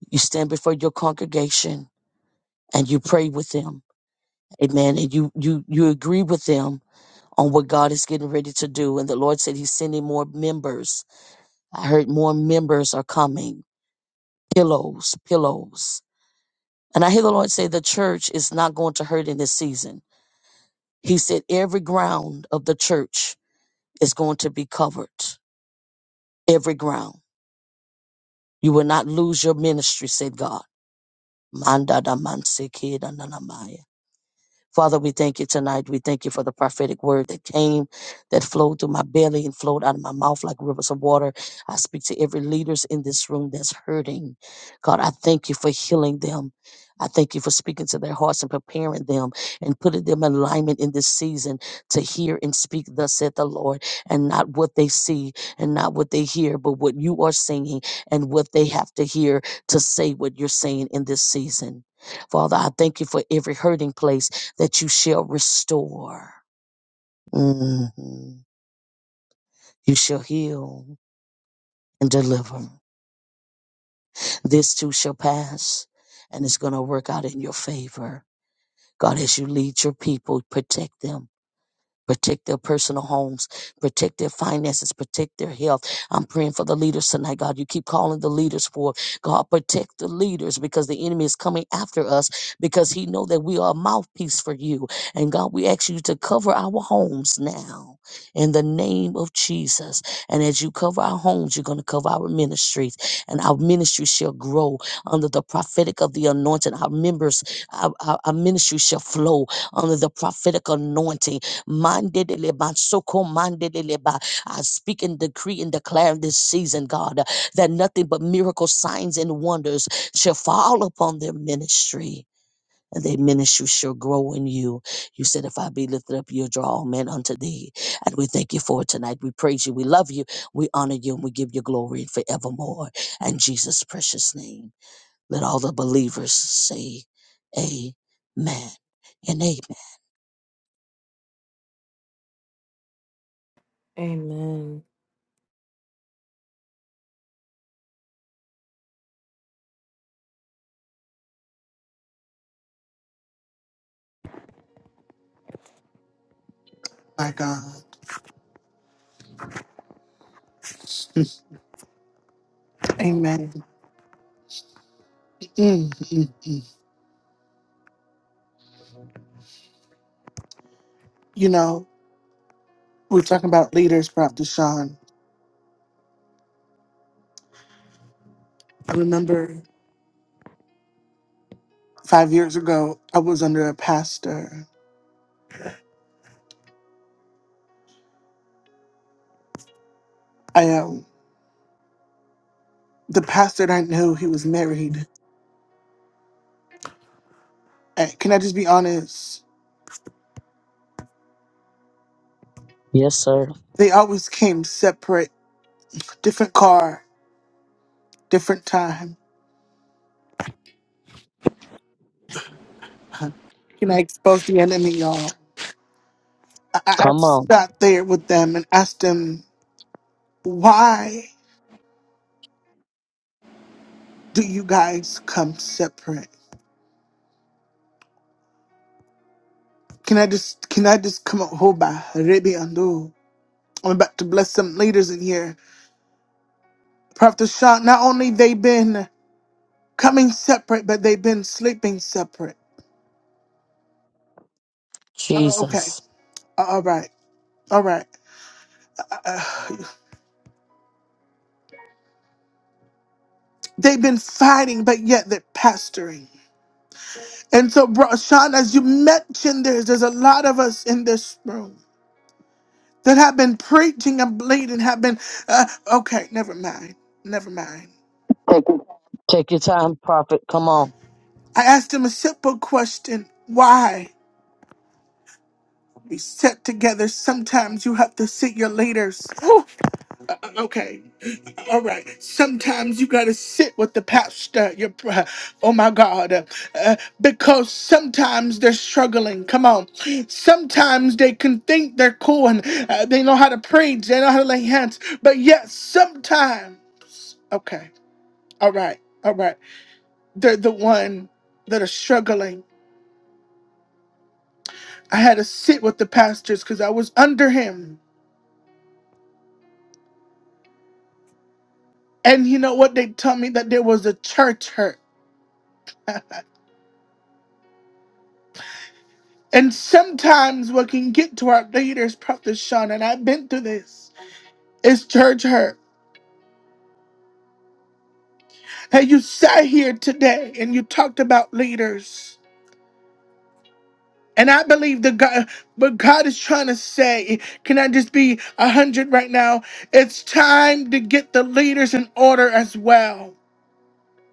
you stand before your congregation and you pray with them amen and you you you agree with them on what god is getting ready to do and the lord said he's sending more members i heard more members are coming pillows pillows and i hear the lord say the church is not going to hurt in this season he said every ground of the church is going to be covered every ground you will not lose your ministry said god Manda da manse keda na namaya. Father, we thank you tonight. We thank you for the prophetic word that came, that flowed through my belly and flowed out of my mouth like rivers of water. I speak to every leaders in this room that's hurting. God, I thank you for healing them. I thank you for speaking to their hearts and preparing them and putting them in alignment in this season to hear and speak, thus saith the Lord, and not what they see and not what they hear, but what you are singing and what they have to hear to say what you're saying in this season. Father, I thank you for every hurting place that you shall restore. Mhm. You shall heal and deliver. This too shall pass, and it's going to work out in your favor. God, as you lead your people, protect them protect their personal homes, protect their finances, protect their health. I'm praying for the leaders tonight, God. You keep calling the leaders for God, protect the leaders because the enemy is coming after us because he know that we are a mouthpiece for you. And God, we ask you to cover our homes now in the name of Jesus. And as you cover our homes, you're going to cover our ministries and our ministry shall grow under the prophetic of the anointing. Our members, our, our, our ministry shall flow under the prophetic anointing Mande de leba, soko mande de leba. I speak and decree and declare in this season, God, uh, that nothing but miracle signs and wonders shall fall upon their ministry. And their ministry shall grow in you. You said, If I be lifted up, you'll draw all men unto thee. And we thank you for it tonight. We praise you. We love you. We honor you. And we give you glory forevermore. And Jesus' precious name. Let all the believers say, Amen and amen. Amen. My God. Amen. Mm-hmm. You know, we're talking about leaders, Prophet Sean. I remember five years ago, I was under a pastor. I um, the pastor that I knew, he was married. And can I just be honest? Yes, sir. They always came separate, different car, different time. Can I expose the enemy, y'all? I, I I Come on. sat there with them and asked them, why do you guys come separate? Can I just can I just come up hoba rebi ando? I'm about to bless some leaders in here. Prophet Sean, not only they been coming separate, but they've been sleeping separate. Uh, uh, okay, Jesus. Uh, all right, all right. Uh, they've been fighting, but yet they're pastoring. And so, bro, Sean, as you mentioned, there's there's a lot of us in this room that have been preaching and bleeding, have been. Uh, okay, never mind, never mind. Take your time, prophet. Come on. I asked him a simple question: Why? be set together. Sometimes you have to sit your leaders. Whew. Uh, uh, okay. All right. Sometimes you got to sit with the pastor. Your, pr- oh my God. Uh, uh, because sometimes they're struggling. Come on. Sometimes they can think they're cool and uh, they know how to preach, they know how to lay hands. But yet, sometimes. Okay. All right. All right. They're the one that are struggling. I had to sit with the pastors because I was under him. And you know what? They told me that there was a church hurt. and sometimes what can get to our leaders, Prophet Sean, and I've been through this, is church hurt. And you sat here today and you talked about leaders. And I believe that God, but God is trying to say, can I just be a hundred right now? It's time to get the leaders in order as well.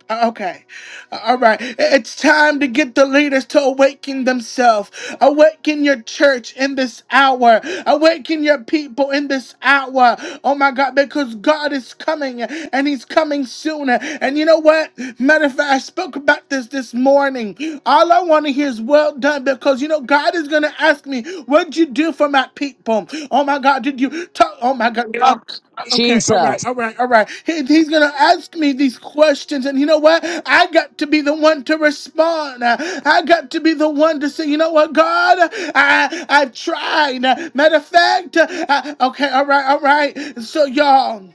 Okay. All right. It's time to get the leaders to awaken themselves. Awaken your church in this hour. Awaken your people in this hour. Oh my God, because God is coming and He's coming sooner. And you know what? Matter of fact, I spoke about this this morning. All I want to hear is well done because you know, God is going to ask me, What'd you do for my people? Oh my God, did you talk? Oh my God. Okay, all right, Jesus. all right, all right. He- he's gonna ask me these questions, and you know what? I got to be the one to respond. I got to be the one to say, you know what, God, I I've tried. Matter of fact, I, okay, all right, all right. So y'all,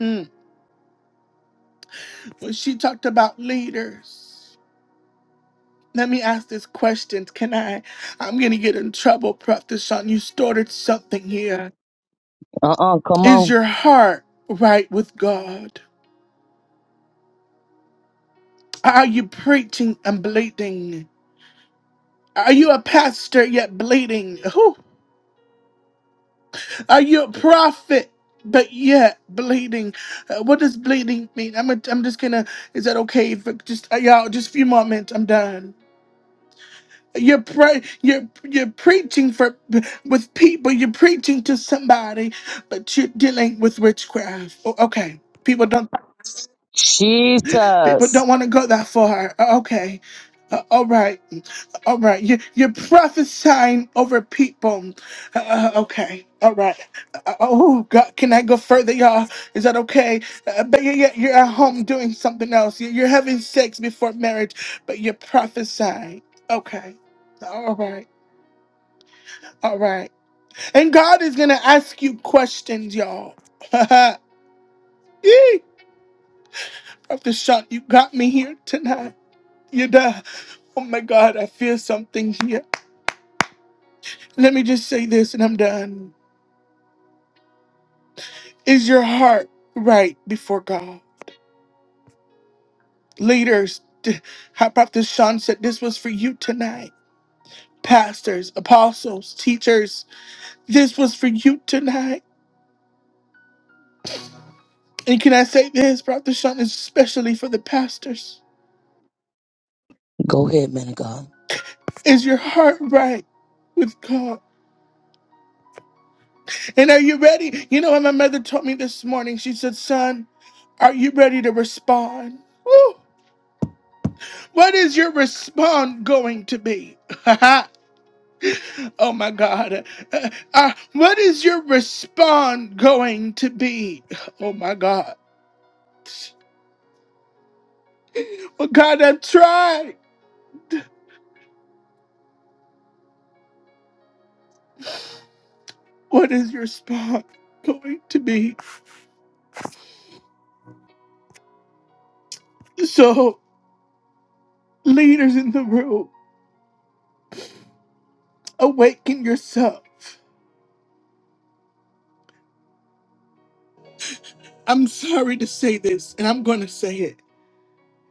mhm, when she talked about leaders, let me ask this question. Can I? I'm gonna get in trouble, Prophet Sean. You started something here. Uh-uh. Come Is on. your heart right with God? Are you preaching and bleeding? Are you a pastor yet bleeding? Whew. Are you a prophet but yet bleeding? Uh, what does bleeding mean? I'm, a, I'm just gonna. Is that okay? For just uh, y'all, just a few moments. I'm done. You're pre- you're you're preaching for with people. You're preaching to somebody, but you're dealing with witchcraft. O- okay, people don't. People Jesus. don't want to go that far. Uh, Okay. Uh, all right. All right. You, you're prophesying over people. Uh, uh, okay. All right. Uh, uh, oh, God. Can I go further, y'all? Is that okay? Uh, but yeah, yeah, you're at home doing something else. You- You're having sex before marriage, but you're prophesying. Okay. All right. All right. And God is going to ask you questions, y'all. Yee. Dr. Sean, you got me here tonight. You die. Oh my God, I feel something here. Let me just say this and I'm done. Is your heart right before God? Leaders, d- how Prophet Sean said this was for you tonight. Pastors, apostles, teachers, this was for you tonight. And can I say this, Prophet Sean, especially for the pastors? Go ahead, man of God. Is your heart right with God? And are you ready? You know what my mother told me this morning? She said, Son, are you ready to respond? Woo! What is your response going to be? oh my God. Uh, uh, what is your response going to be? Oh my God. Well, God, I tried. What is your response going to be? So, leaders in the room, awaken yourself. I'm sorry to say this, and I'm going to say it.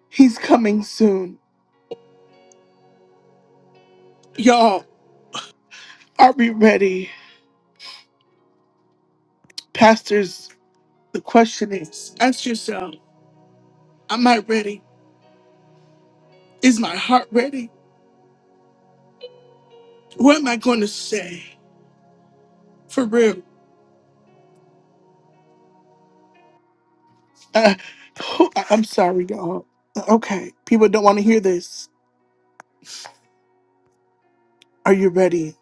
He's coming soon. Y'all, are we ready? Pastors, the question is ask yourself, am I ready? Is my heart ready? What am I going to say? For real. Uh, I- I'm sorry, y'all. Okay, people don't want to hear this. Are you ready?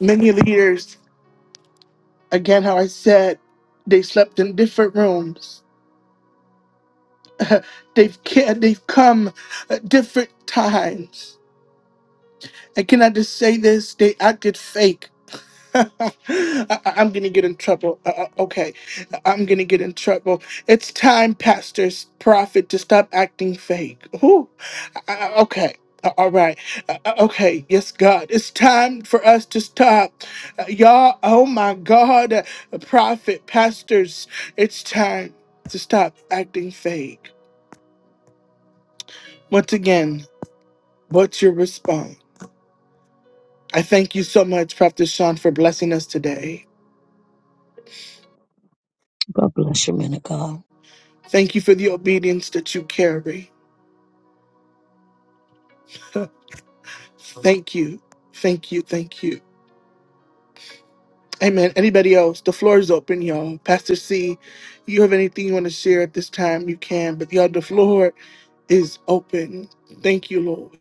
Many leaders, again, how I said, they slept in different rooms. they've ca- they've come at different times. And can I just say this? They acted fake I, am gonna get in trouble. Uh, uh, okay, I'm gonna get in trouble. It's time, pastors, prophet, to stop acting fake. Ooh, I, I- okay. Uh, All right. Uh, uh, okay. Yes, God. It's time for us to stop. Uh, y'all, oh my God. Uh, prophet, pastors, it's time to stop acting fake. Once again, what's your response? I thank you so much, Prophet Sean, for blessing us today. God bless you, man of God. Thank you for the obedience that you carry. Thank you. Thank you. Thank you. Amen. Anybody else? The floor is open, y'all. Pastor C, you have anything you want to share at this time? You can, but y'all, the floor is open. Thank you, Lord.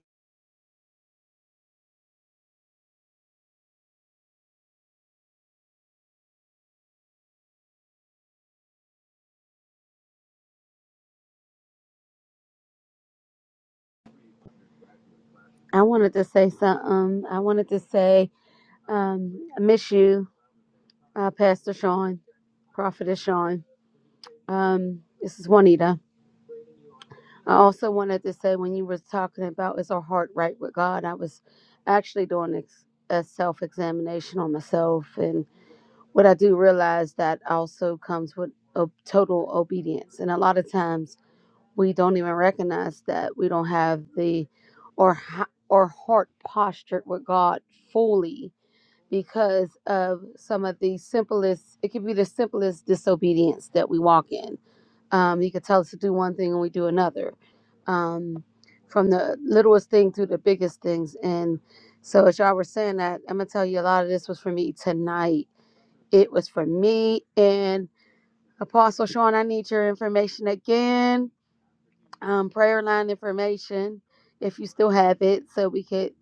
I wanted to say something. I wanted to say, um, I miss you, uh, Pastor Sean, Prophetess Sean. Um, this is Juanita. I also wanted to say when you were talking about is our heart right with God, I was actually doing ex- a self examination on myself. And what I do realize that also comes with o- total obedience. And a lot of times we don't even recognize that we don't have the or, ha- or heart postured with God fully because of some of the simplest it could be the simplest disobedience that we walk in um, he could tell us to do one thing and we do another um, from the littlest thing to the biggest things and so as y'all were saying that i'm gonna tell you a lot of this was for me tonight it was for me and apostle sean i need your information again um, prayer line information if you still have it, so we could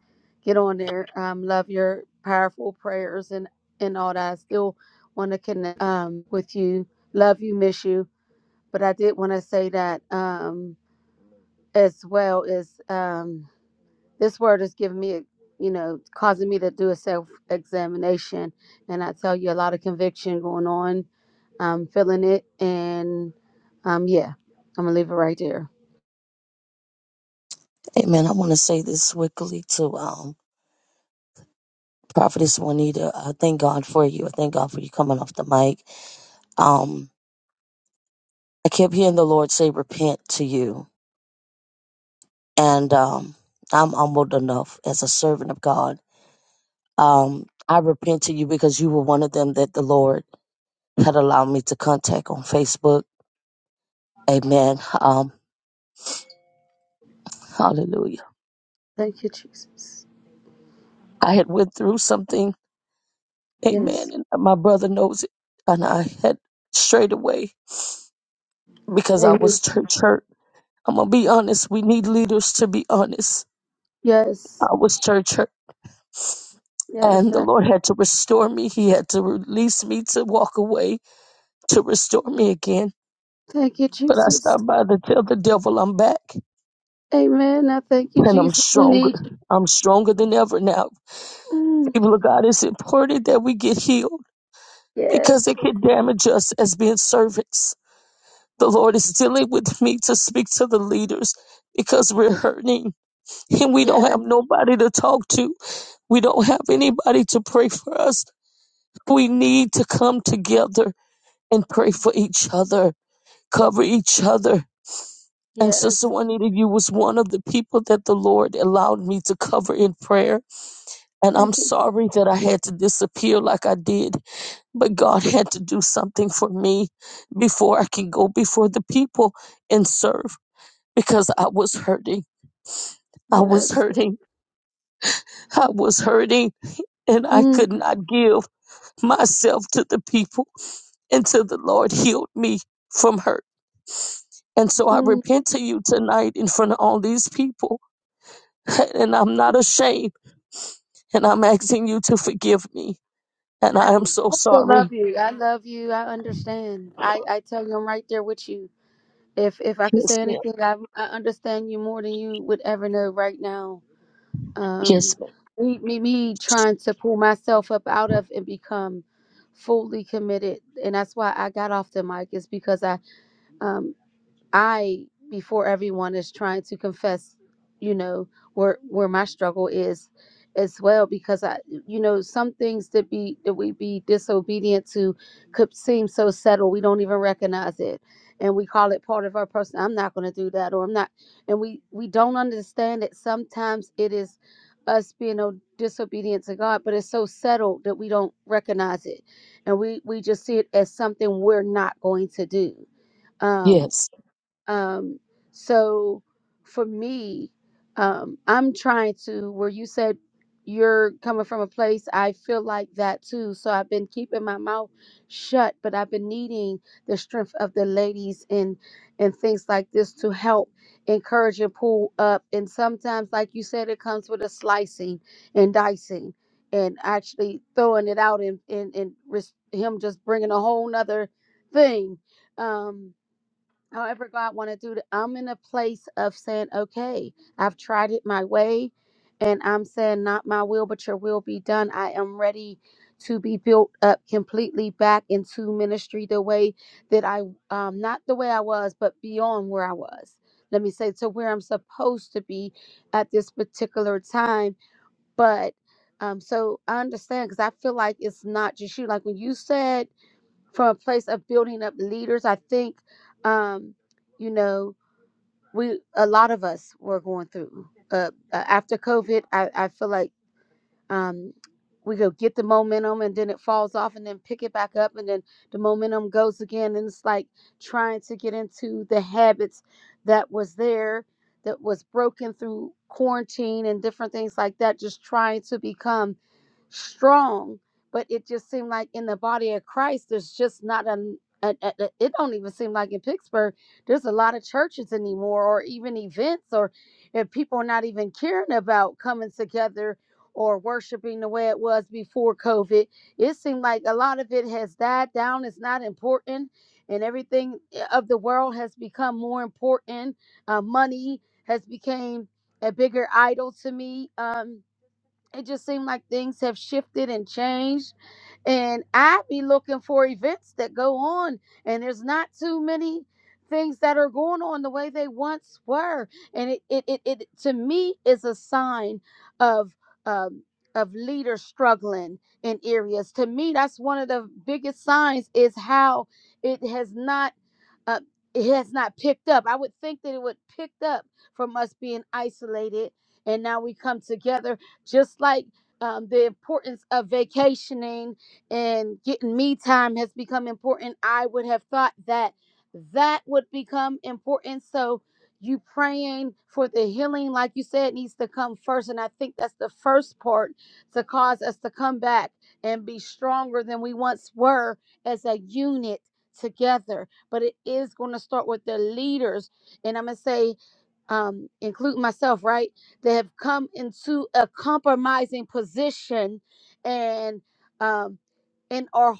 get on there. Um, love your powerful prayers and and all that. I still want to connect um, with you. Love you, miss you. But I did want to say that um, as well is um, this word is giving me, a, you know, causing me to do a self examination, and I tell you a lot of conviction going on. I'm feeling it, and um, yeah, I'm gonna leave it right there. Amen. I want to say this quickly to um Prophetess Juanita. I thank God for you. I thank God for you coming off the mic. Um, I kept hearing the Lord say repent to you. And um I'm humbled enough as a servant of God. Um, I repent to you because you were one of them that the Lord had allowed me to contact on Facebook Amen. Um, hallelujah. Thank you, Jesus. I had went through something. Yes. Amen. And my brother knows it. And I had strayed away because I Amen. was church hurt. I'm gonna be honest. We need leaders to be honest. Yes. I was church hurt. Yes. And the I Lord had to restore me. He had to release me to walk away to restore me again. thank you, But I Jesus. stopped by to tell the devil I'm back Amen. I thank you, and I'm Jesus. We need stronger. you. I'm stronger than ever now. Mm. People of God, it's important that we get healed because Yes. it can damage us as being servants. The Lord is dealing with me to speak to the leaders because we're hurting and we don't Yes. have nobody to talk to. We don't have anybody to pray for us. We need to come together and pray for each other, cover each other. And Sister Yes. Juanita, you was one of the people that the Lord allowed me to cover in prayer. And I'm Thank you. sorry that I had to disappear like I did But God had to do something for me before I could go before the people and serve because I was hurting. I was Yes. hurting. I was hurting and I could Mm. not give myself to the people until the Lord healed me from hurt. And so I Mm. repent to you tonight in front of all these people. And I'm not ashamed. And I'm asking you to forgive me. And I, I am so I still love sorry. you. I love you. I understand. I, I tell you, I'm right there with you. If if I could Yes, say ma'am. anything, I, I understand you more than you would ever know right now. um Yes, ma'am. me, me me trying to pull myself up out of and become fully committed and that's why i got off the mic is because i um I before everyone is trying to confess, you know, where where my struggle is as well because I you know, some things that be that we be disobedient to could seem so subtle we don't even recognize it. And we call it part of our person. I'm not gonna do that or I'm not and we we don't understand that sometimes it is us being o- disobedient to God, but it's so subtle that we don't recognize it. And we we just see it as something we're not going to do um, Yes. um, so for me, um, I'm trying to, where you said you're coming from a place, I feel like that too. So I've been keeping my mouth shut, but I've been needing the strength of the ladies and and things like this to help encourage and pull up. And sometimes, like you said, it comes with a slicing and dicing and actually throwing it out and and, and ris- him just bringing a whole nother thing. Um, however God want to do it. I'm in a place of saying, okay, I've tried it my way, and I'm saying, not my will, but your will be done. I am ready to be built up completely back into ministry the way that I, um, not the way I was, but beyond where I was. Let me say to where I'm supposed to be at this particular time, but. Um, so I understand because I feel like it's not just you. Like when you said from a place of building up leaders. I think, um, you know, we a lot of us were going through uh, uh, after COVID. I, I feel like um, we go get the momentum and then it falls off and then pick it back up and then the momentum goes again and it's like trying to get into the habits that was there that was broken through quarantine and different things like that just trying to become strong but it just seemed like in the body of christ there's just not a, a, a a- it don't even seem like in pittsburgh there's a lot of churches anymore or even events or if people are not even caring about coming together or worshiping the way it was before COVID. It seemed like a lot of it has died down. It's not important, and everything eh, of the world has become more important. Uh, money has become a bigger idol to me. Um, it just seemed like things have shifted and changed and I be looking for events that go on, and there's not too many things that are going on the way they once were, and it it it, it to me is a sign of um of leaders struggling in areas. To me, that's one of the biggest signs is how it has not. Uh, it has not picked up. I would think that it would pick up from us being isolated, and now we come together, just like um, the importance of vacationing and getting me time has become important. I would have thought that that would become important. So you praying for the healing, like you said, needs to come first. And I think that's the first part to cause us to come back and be stronger than we once were as a unit together. But it is going to start with the leaders. And I'm going to say, um, including myself, right? They have come into a compromising position and um and our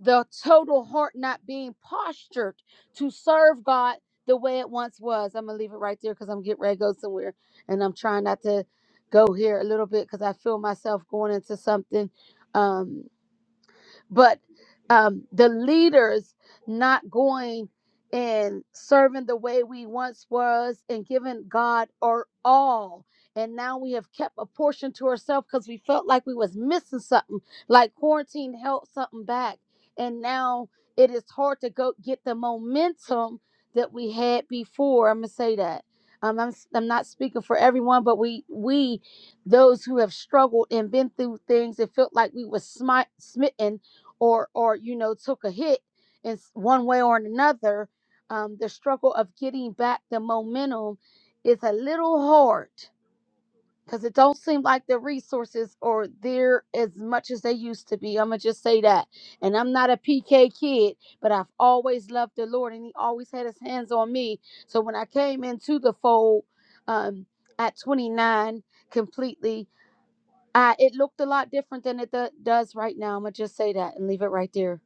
the total heart not being postured to serve God the way it once was. I'm gonna leave it right there because I'm getting ready to go somewhere, and I'm trying not to go here a little bit because I feel myself going into something. Um, but um, the leaders not going and serving the way we once was and giving God our all. And now we have kept a portion to ourselves because we felt like we was missing something, like quarantine held something back. And now it is hard to go get the momentum that we had before. I'm gonna say that. Um, I'm i I'm not speaking for everyone, but we we those who have struggled and been through things, it felt like we was smite, smitten or or you know took a hit in one way or another um, the struggle of getting back the momentum is a little hard because it don't seem like the resources are there as much as they used to be i'm gonna just say that and i'm not a pk kid but i've always loved the lord and he always had his hands on me so when i came into the fold um, at 29 completely uh, it looked a lot different than it do- does right now. I'm gonna just say that and leave it right there.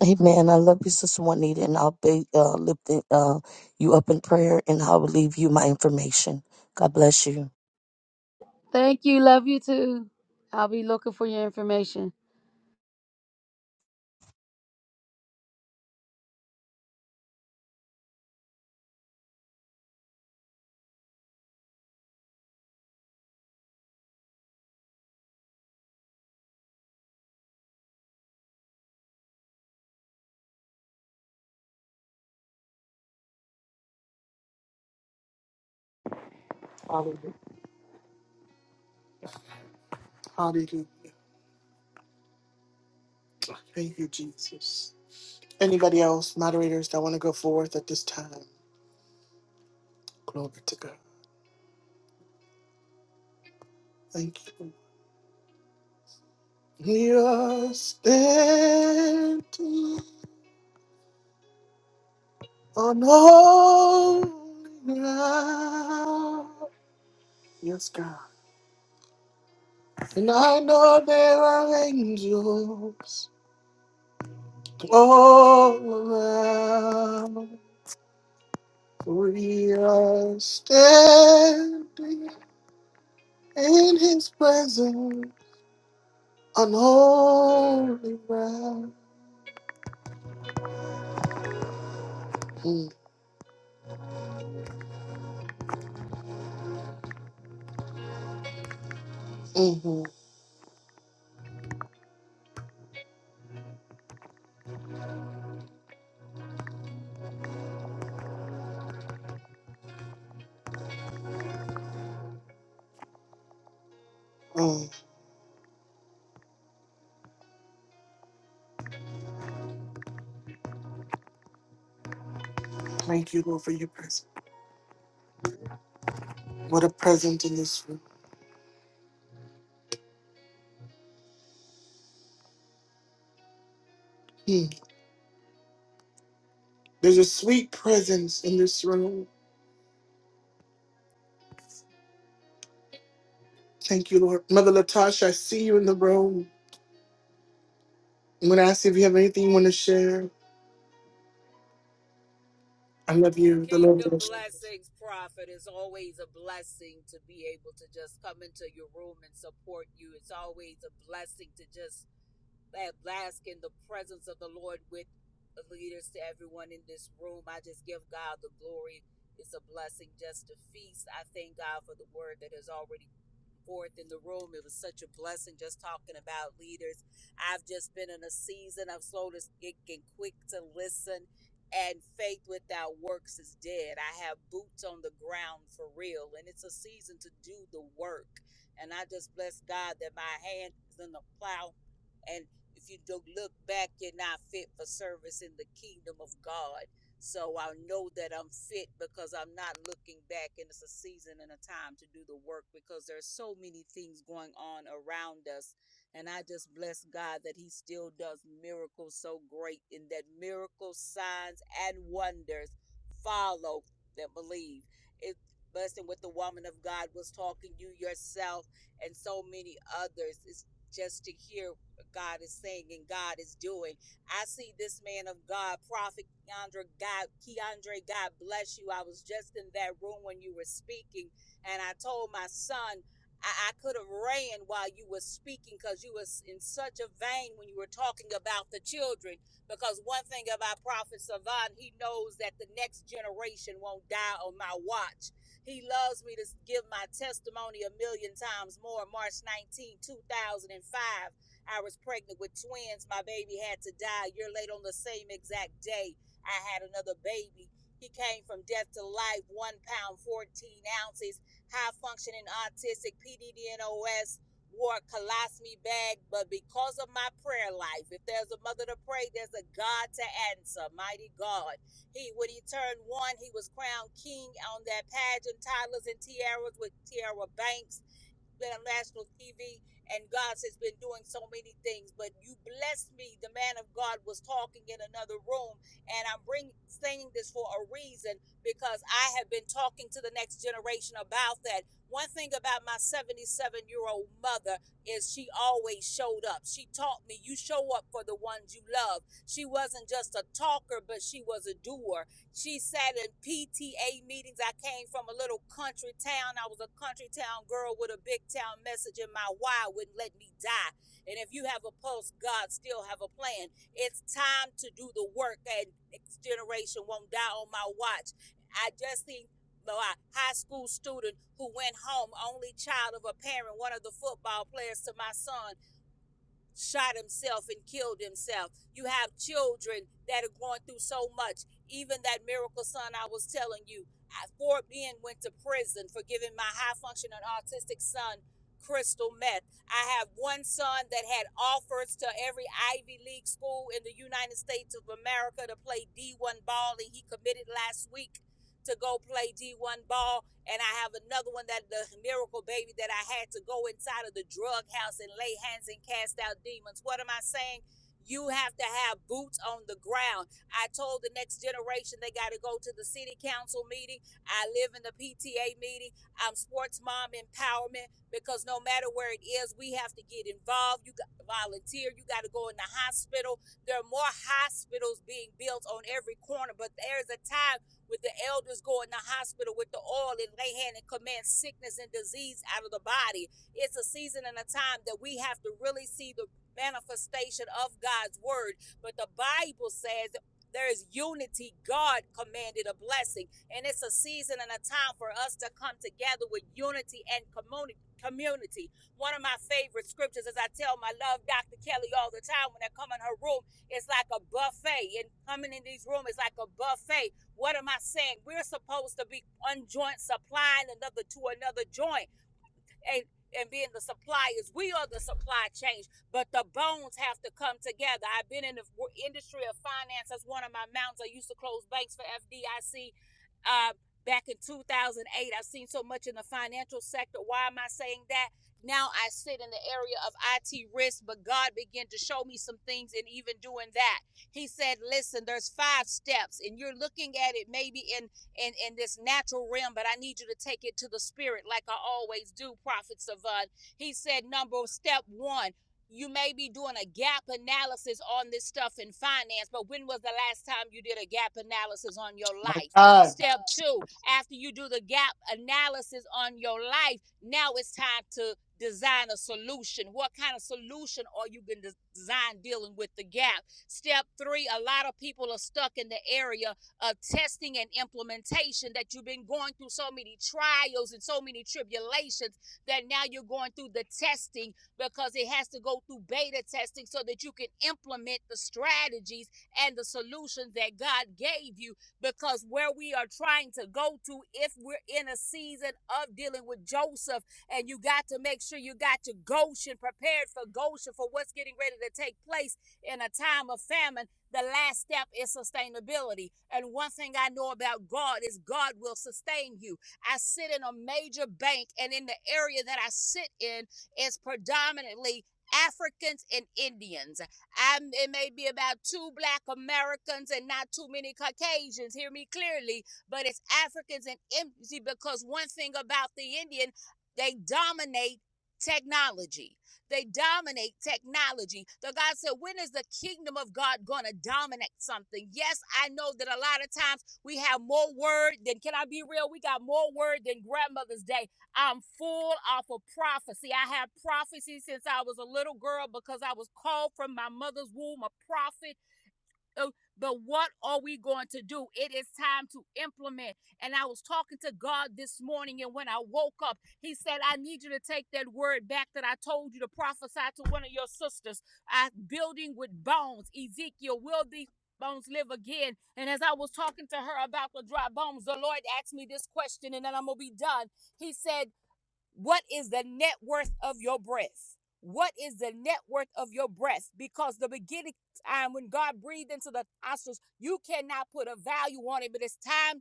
Amen. I love you, Sister Juanita, and I'll be uh, lifting uh, you up in prayer, and I'll leave you my information. God bless you. Thank you. Love you too. I'll be looking for your information. Hallelujah. Hallelujah. Thank you, Jesus. Anybody else, moderators that want to go forth at this time? Glory to God. Thank you. We are standing on holy ground. And I know there are angels all around. We are standing in his blood on holy ground. Mm, mm, mm, mm. Thank you, Lord, for your presence. What a presence in this room. Mm. There's a sweet presence in this room. Thank you, Lord. Mother Latasha, I see you in the room. I'm going to ask you if you have anything you want to share. I love you. The Lord Kingdom bless blessings, prophet. It's always a blessing to be able to just come into your room and support you. It's always a blessing to just at last in the presence of the Lord with the leaders to everyone in this room. I just give God the glory. It's a blessing just to feast. I thank God for the word that has already forth in the room. It was such a blessing just talking about leaders. I've just been in a season of slow to speak and quick to listen, and faith without works is dead. I have boots on the ground for real, and it's a season to do the work. And I just bless God that my hand is in the plow. And if you don't look back, you're not fit for service in the kingdom of God. So I know that I'm fit because I'm not looking back, and it's a season and a time to do the work because there's so many things going on around us. And I just bless God that He still does miracles so great, in that miracles, signs, and wonders follow that believe. It blessing what the woman of God was talking, you yourself, and so many others. It's just to hear God is saying and God is doing. I see this man of God, Prophet Keandre God, Keandre, God bless you. I was just in that room when you were speaking, and I told my son, I, I could have ran while you were speaking because you was in such a vein when you were talking about the children. Because one thing about Prophet Savan, he knows that the next generation won't die on my watch. He loves me to give my testimony a million times more. March nineteenth, two 2005. I was pregnant with twins. My baby had to die. A year later, on the same exact day, I had another baby. He came from death to life, one pound, 14 ounces, high functioning autistic, PDDNOS, wore a colostomy bag. But because of my prayer life, if there's a mother to pray, there's a God to answer. Mighty God. He, when he turned one, he was crowned king on that pageant, toddlers and tiaras with Tiara Banks been on national TV, and God has been doing so many things. But you blessed me. The man of God was talking in another room, and I'm bring, saying this for a reason because I have been talking to the next generation about that. One thing about my 77 year old mother is she always showed up. She taught me you show up for the ones you love. She wasn't just a talker, but she was a doer. She sat in PTA meetings. I came from a little country town. I was a country town girl with a big town message, and my why wouldn't let me die. And if you have a pulse, God still have a plan. It's time to do the work, and next generation won't die on my watch. I just seen my high school student who went home, only child of a parent, one of the football players to my son, shot himself and killed himself. You have children that are going through so much. Even that miracle son I was telling you, Fort Bend went to prison for giving my high functioning autistic son crystal meth. I have one son that had offers to every Ivy League school in the United States of America to play D1 ball, and he committed last week to go play D1 ball and I have another one that the miracle baby that I had to go inside of the drug house and lay hands and cast out demons. What am I saying? You have to have boots on the ground. I told the next generation they got to go to the city council meeting. I live in the PTA meeting. I'm sports mom empowerment because no matter where it is, we have to get involved. You got to volunteer. You got to go in the hospital. There are more hospitals being built on every corner, but there's a time with the elders go in the hospital with the oil and lay hand and command sickness and disease out of the body. It's a season and a time that we have to really see the manifestation of God's word. But the Bible says there is unity. God commanded a blessing. And it's a season and a time for us to come together with unity and community. community. One of my favorite scriptures, as I tell my love Dr. Kelly all the time when I come in her room, it's like a buffet. And coming in these rooms is like a buffet what am I saying? We're supposed to be one joint supplying another to another joint and and being the suppliers. We are the supply chain, but the bones have to come together. I've been in the industry of finance. That's one of my mountains. I used to close banks for FDIC uh, back in 2008. I've seen so much in the financial sector. Why am I saying that? Now I sit in the area of IT risk, but God began to show me some things in even doing that. He said, Listen, there's five steps, and you're looking at it maybe in in, in this natural realm, but I need you to take it to the spirit like I always do, Prophet Savant. He said, number step one, you may be doing a gap analysis on this stuff in finance, but when was the last time you did a gap analysis on your life? you. Step two, after you do the gap analysis on your life, now it's time to design a solution. What kind of solution are you going to design dealing with the gap? Step three, a lot of people are stuck in the area of testing and implementation that you've been going through so many trials and so many tribulations that now you're going through the testing because it has to go through beta testing so that you can implement the strategies and the solutions that God gave you because where we are trying to go to if we're in a season of dealing with Joseph and you got to make sure you got to Goshen prepared for Goshen for what's getting ready to take place in a time of famine the last step is sustainability. And one thing I know about God is God will sustain you. I sit in a major bank, and in the area that I sit in is predominantly Africans and Indians. I'm, it may be about two black Americans and not too many Caucasians, hear me clearly, but it's Africans and Indians because one thing about the Indian, they dominate technology. They dominate technology. So God said, when is the kingdom of God going to dominate something? Yes, I know that a lot of times we have more word than, can I be real? We got more word than Grandmother's Day. I'm full off of prophecy. I have prophecy since I was a little girl because I was called from my mother's womb a prophet. Oh, But what are we going to do? It is time to implement. And I was talking to God this morning, and when I woke up, He said, I need you to take that word back that I told you to prophesy to one of your sisters. I building with bones. Ezekiel, will these bones live again? And as I was talking to her about the dry bones, the Lord asked me this question, and then I'm gonna be done. He said, what is the net worth of your breath? What is the net worth of your breath? Because the beginning time when God breathed into the nostrils, you cannot put a value on it, but it's time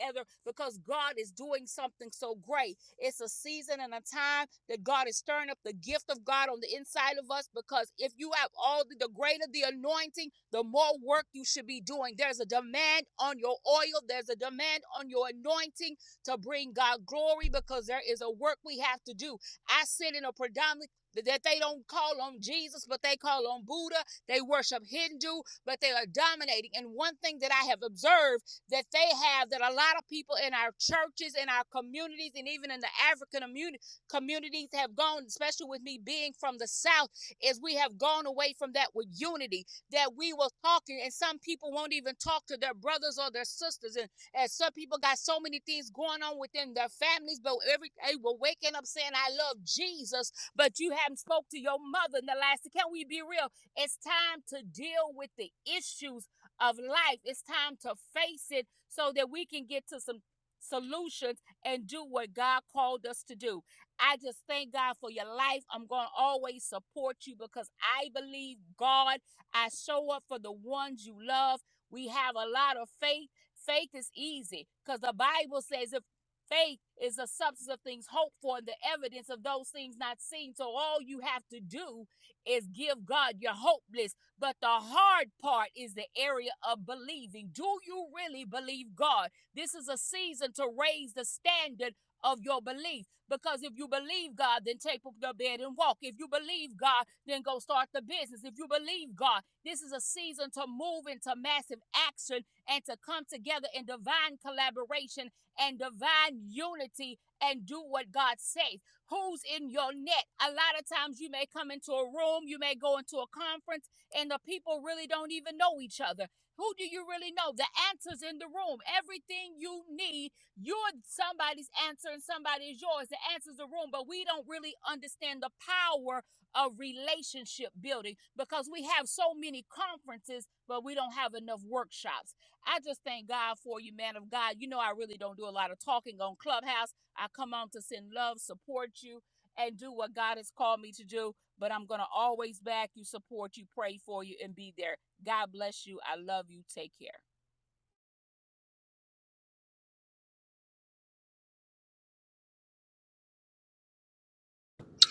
ever because God is doing something so great. It's a season and a time that God is stirring up the gift of God on the inside of us because if you have all the, the greater the anointing, the more work you should be doing. There's a demand on your oil, there's a demand on your anointing to bring God glory because there is a work we have to do. I sit in a predominantly that they don't call on Jesus, but they call on Buddha. They worship Hindu, but they are dominating. And one thing that I have observed that they have that a lot of people in our churches, in our communities, and even in the African immuni- communities have gone, especially with me being from the South, is we have gone away from that with unity, that we were talking, and some people won't even talk to their brothers or their sisters. And, and some people got so many things going on within their families, but every day we're waking up saying, I love Jesus, but you haven't spoke to your mother in the last. Can we be real? It's time to deal with the issues of life. It's time to face it so that we can get to some solutions and do what God called us to do. I just thank God for your life. I'm going to always support you because I believe God. I show up for the ones you love. We have a lot of faith. Faith is easy because the Bible says if faith is the substance of things hoped for and the evidence of those things not seen. So all you have to do is give God your hopeless. But the hard part is the area of believing. Do you really believe God? This is a season to raise the standard of your belief because if you believe God, then take up your bed and walk. If you believe God, then go start the business. If you believe God, this is a season to move into massive action and to come together in divine collaboration and divine unity and do what God says. Who's in your net? A lot of times you may come into a room, you may go into a conference and the people really don't even know each other. Who do you really know? The answer's in the room. Everything you need, you're somebody's answer and somebody is yours. The answer's the room, but we don't really understand the power of relationship building because we have so many conferences, but we don't have enough workshops. I just thank God for you, man of God. You know, I really don't do a lot of talking on Clubhouse. I come on to send love, support you, and do what God has called me to do but I'm going to always back you, support you, pray for you, and be there. God bless you. I love you. Take care.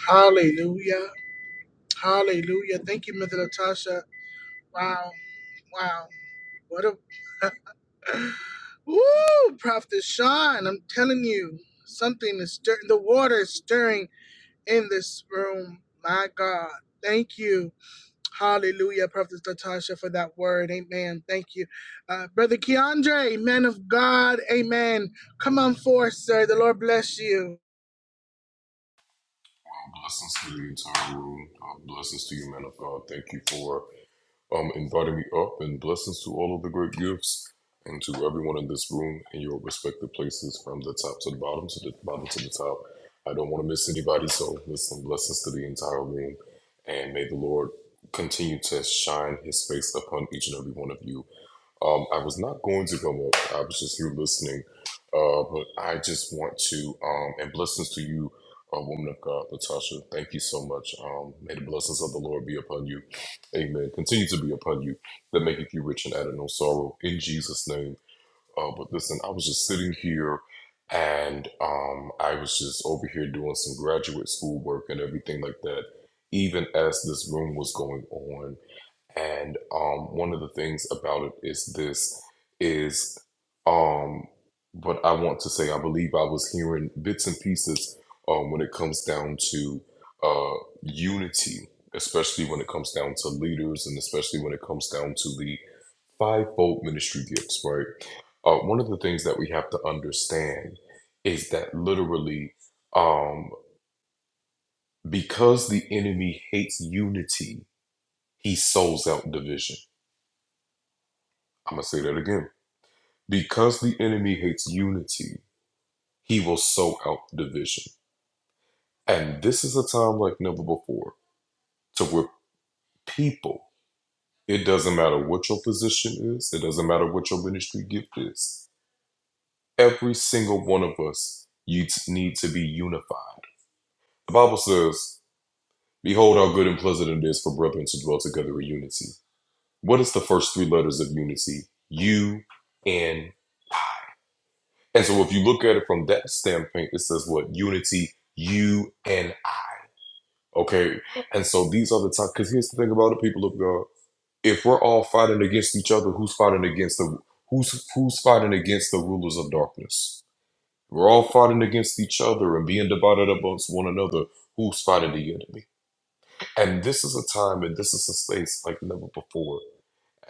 Hallelujah. Hallelujah. Thank you, Mother Natasha. Wow. Wow. What a Woo! Prophet Sean, I'm telling you, something is stirring. The water is stirring in this room. My God. Thank you. Hallelujah, Prophet Natasha, for that word. Amen. Thank you. Uh, Brother Keandre, man of God. Amen. Come on forth, sir. The Lord bless you. Blessings to the entire room. Uh, blessings to you, man of God. Thank you for um, inviting me up, and blessings to all of the great gifts and to everyone in this room in your respective places from the top to the bottom to the bottom to the top. I don't want to miss anybody, so listen, blessings to the entire room, and may the Lord continue to shine His face upon each and every one of you. Um, I was not going to come up. I was just here listening. Uh, but I just want to, um, and blessings to you, uh, woman of God, Latasha. Thank you so much. Um, may the blessings of the Lord be upon you Amen. Continue to be upon you that maketh you rich and addeth no sorrow in Jesus' name. Uh, but listen, I was just sitting here and um, I was just over here doing some graduate school work and everything like that, even as this room was going on and um, one of the things about it is this is um, what I want to say. I believe I was hearing bits and pieces um, when it comes down to uh, unity, especially when it comes down to leaders, and especially when it comes down to the fivefold ministry gifts. Right. Uh, one of the things that we have to understand is that literally, um, because the enemy hates unity, he sows out division. I'm gonna say that again Because the enemy hates unity, he will sow out division. And this is a time like never before to where people, it doesn't matter what your position is, it doesn't matter what your ministry gift is, every single one of us you t- need to be unified. The Bible says, Behold how good and pleasant it is for brethren to dwell together in unity. What is the first three letters of unity? U N. And so if you look at it from that standpoint, it says what? Unity, U, U N I Okay. And so these are the times, because here's the thing about the people of God. If we're all fighting against each other, who's fighting against the who's who's fighting against the rulers of darkness? We're all fighting against each other and being divided amongst one another. Who's fighting the enemy? And this is a time and this is a space like never before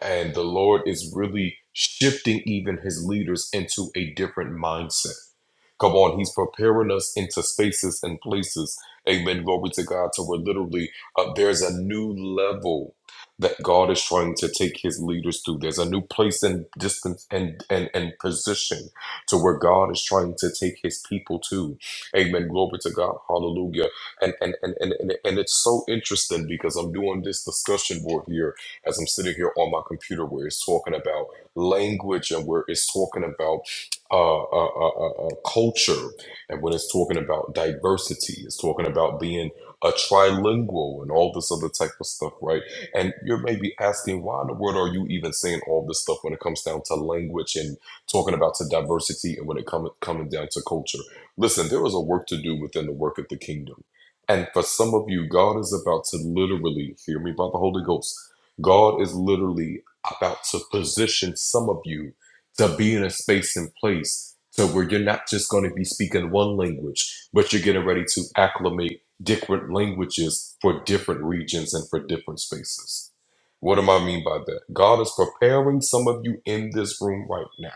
and the Lord is really shifting even his leaders into a different mindset. Come on, he's preparing us into spaces and places. Amen. Glory to God. So we're literally, uh, there's a new level that God is trying to take his leaders through. There's a new place and distance and, and, and position to where God is trying to take his people to. Amen. Glory to God. Hallelujah. And, and, and, and, and, and it's so interesting because I'm doing this discussion board here as I'm sitting here on my computer where it's talking about language and where it's talking about uh, uh, uh, uh, uh, culture and when it's talking about diversity, it's talking about being a trilingual and all this other type of stuff, right? And you may be asking, why in the world are you even saying all this stuff when it comes down to language and talking about to diversity and when it comes coming down to culture? Listen, there is a work to do within the work of the kingdom. And for some of you, God is about to literally, hear me by the Holy Ghost, God is literally about to position some of you to be in a space and place to where you're not just going to be speaking one language, but you're getting ready to acclimate different languages for different regions and for different spaces. What do I mean by that? God is preparing some of you in this room right now.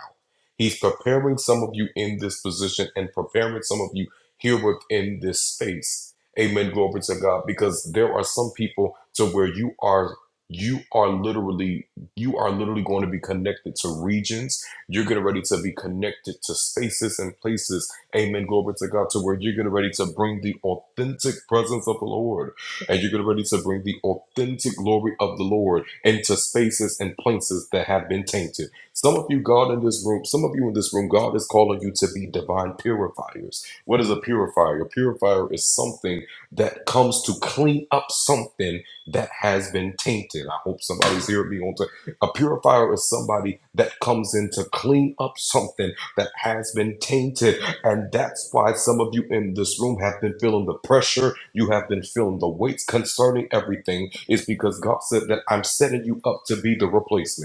He's preparing some of you in this position and preparing some of you here within this space Amen. Glory to God. Because there are some people to where you are you are literally you are literally going to be connected to regions you're getting ready to be connected to spaces and places amen glory to god to where you're getting ready to bring the authentic presence of the lord and you're getting ready to bring the authentic glory of the lord into spaces and places that have been tainted some of you god in this room some of you in this room god is calling you to be divine purifiers what is a purifier a purifier is something that comes to clean up something that has been tainted. I hope somebody's hearing me on. to- A purifier is somebody that comes in to clean up something that has been tainted, and that's why some of you in this room have been feeling the pressure. You have been feeling the weights concerning everything. Is because God said that I'm setting you up to be the replacement.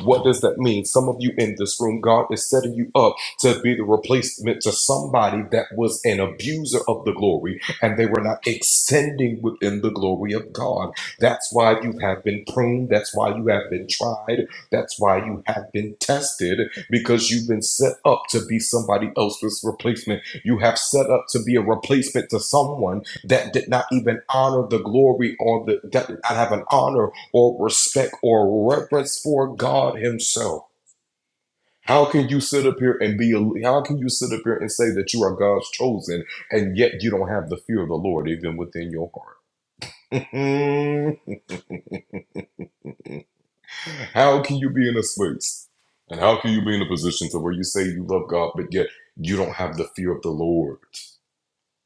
What does that mean? Some of you in this room, God is setting you up to be the replacement to somebody that was an abuser of the glory and they were not extending within the glory of God. That's why you have been pruned. That's why you have been tried. That's why you have been tested because you've been set up to be somebody else's replacement. You have set up to be a replacement to someone that did not even honor the glory or the, that did not have an honor or respect or reverence for God Himself. How can you sit up here and be? How can you sit up here and say that you are God's chosen, and yet you don't have the fear of the Lord even within your heart? how can you be in a space, and how can you be in a position to where you say you love God, but yet you don't have the fear of the Lord?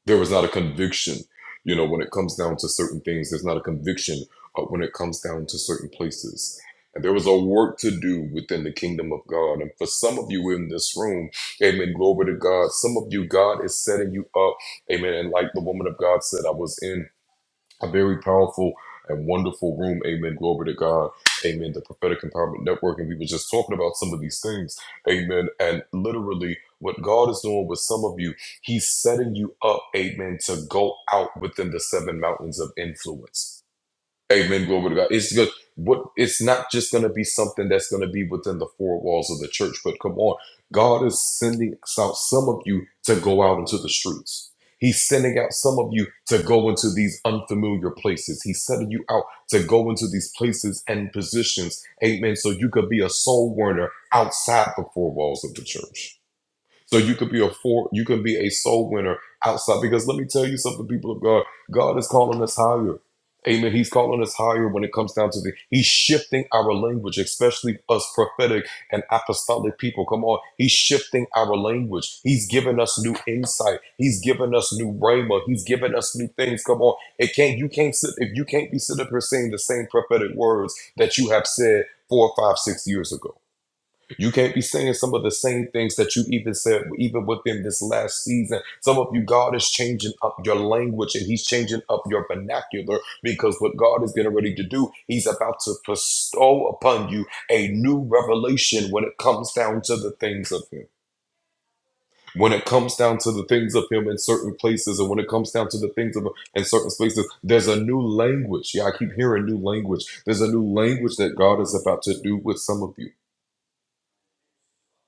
there was not a conviction you know when it comes down to certain things there's not a conviction uh, when it comes down to certain places and there was a work to do within the kingdom of god and for some of you in this room amen glory to god some of you god is setting you up amen and like the woman of god said i was in a very powerful and wonderful room. Amen. Glory to God. Amen. The Prophetic Empowerment Network. And we were just talking about some of these things. Amen. And literally, what God is doing with some of you, He's setting you up, amen, to go out within the seven mountains of influence. Amen. Glory to God. It's good. What it's not just going to be something that's going to be within the four walls of the church, but come on, God is sending out some of you to go out into the streets. He's sending out some of you to go into these unfamiliar places. He's sending you out to go into these places and positions. Amen. So you could be a soul warner outside the four walls of the church. So you could be a for you can be a soul winner outside. Because let me tell you something, people of God, God is calling us higher. Amen. He's calling us higher when it comes down to the He's shifting our language, especially us prophetic and apostolic people. Come on. He's shifting our language. He's giving us new insight. He's giving us new rhema. He's giving us new things. Come on. It can't you can't sit if you can't be sitting up here saying the same prophetic words that you have said four, five, six years ago. You can't be saying some of the same things that you even said, even within this last season. Some of you, God is changing up your language and He's changing up your vernacular because what God is getting ready to do, He's about to bestow upon you a new revelation when it comes down to the things of Him. When it comes down to the things of Him in certain places, and when it comes down to the things of Him in certain spaces, there's a new language. Yeah, I keep hearing new language. There's a new language that God is about to do with some of you.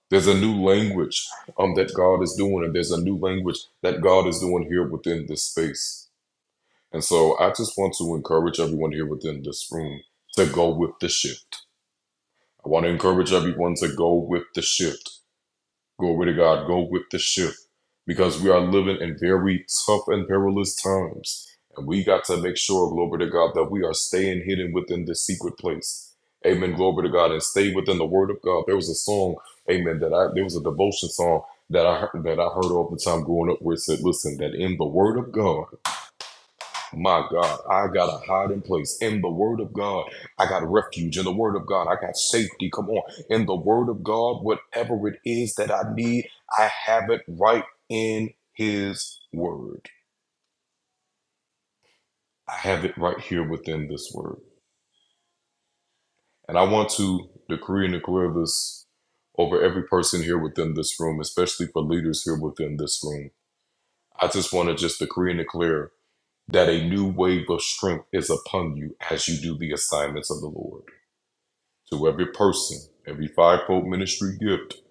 There's a new language um, that God is doing, and there's a new language that God is doing here within this space. And so I just want to encourage everyone here within this room to go with the shift. I want to encourage everyone to go with the shift. Glory to God. Go with the shift because we are living in very tough and perilous times. And we got to make sure, glory to God, that we are staying hidden within the secret place. Amen. Glory to God. And stay within the word of God. There was a song, amen, that I, there was a devotion song that I, heard- that I heard all the time growing up where it said, listen, that in the word of God, my God, I got a hiding place in the Word of God. I got refuge in the Word of God. I got safety. Come on. In the Word of God, whatever it is that I need, I have it right in His Word. I have it right here within this Word. And I want to decree and declare this over every person here within this room, especially for leaders here within this room. I just want to just decree and declare that a new wave of strength is upon you as you do the assignments of the Lord to every person, every fivefold ministry gift.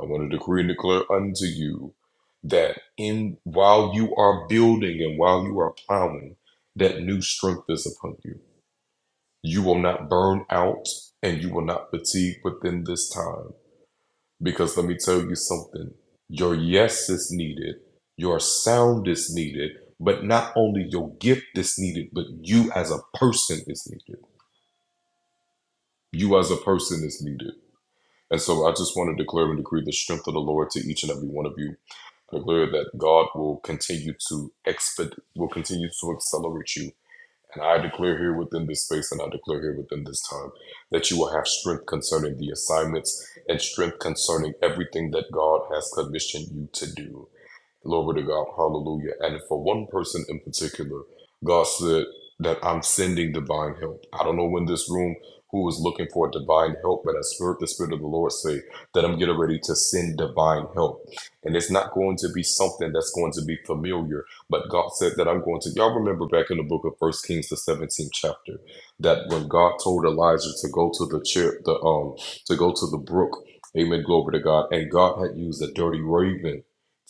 I want to decree and declare unto you that in while you are building and while you are plowing, that new strength is upon you. You will not burn out and you will not fatigue within this time. Because let me tell you something your yes is needed, your sound is needed, but not only your gift is needed, but you as a person is needed. You as a person is needed And so I just want to declare and decree the strength of the Lord to each and every one of you. Declare that God will continue to exped will continue to accelerate you. And I declare here within this space and I declare here within this time that you will have strength concerning the assignments and strength concerning everything that God has commissioned you to do. Glory to God. Hallelujah. And for one person in particular, God said that I'm sending divine help. I don't know when this room who is looking for divine help, but I spirit the Spirit of the Lord say that I'm getting ready to send divine help. And it's not going to be something that's going to be familiar. But God said that I'm going to y'all remember back in the book of First Kings the 17th chapter, that when God told Elijah to go to the chair the um to go to the brook, amen, glory to God, and God had used a dirty raven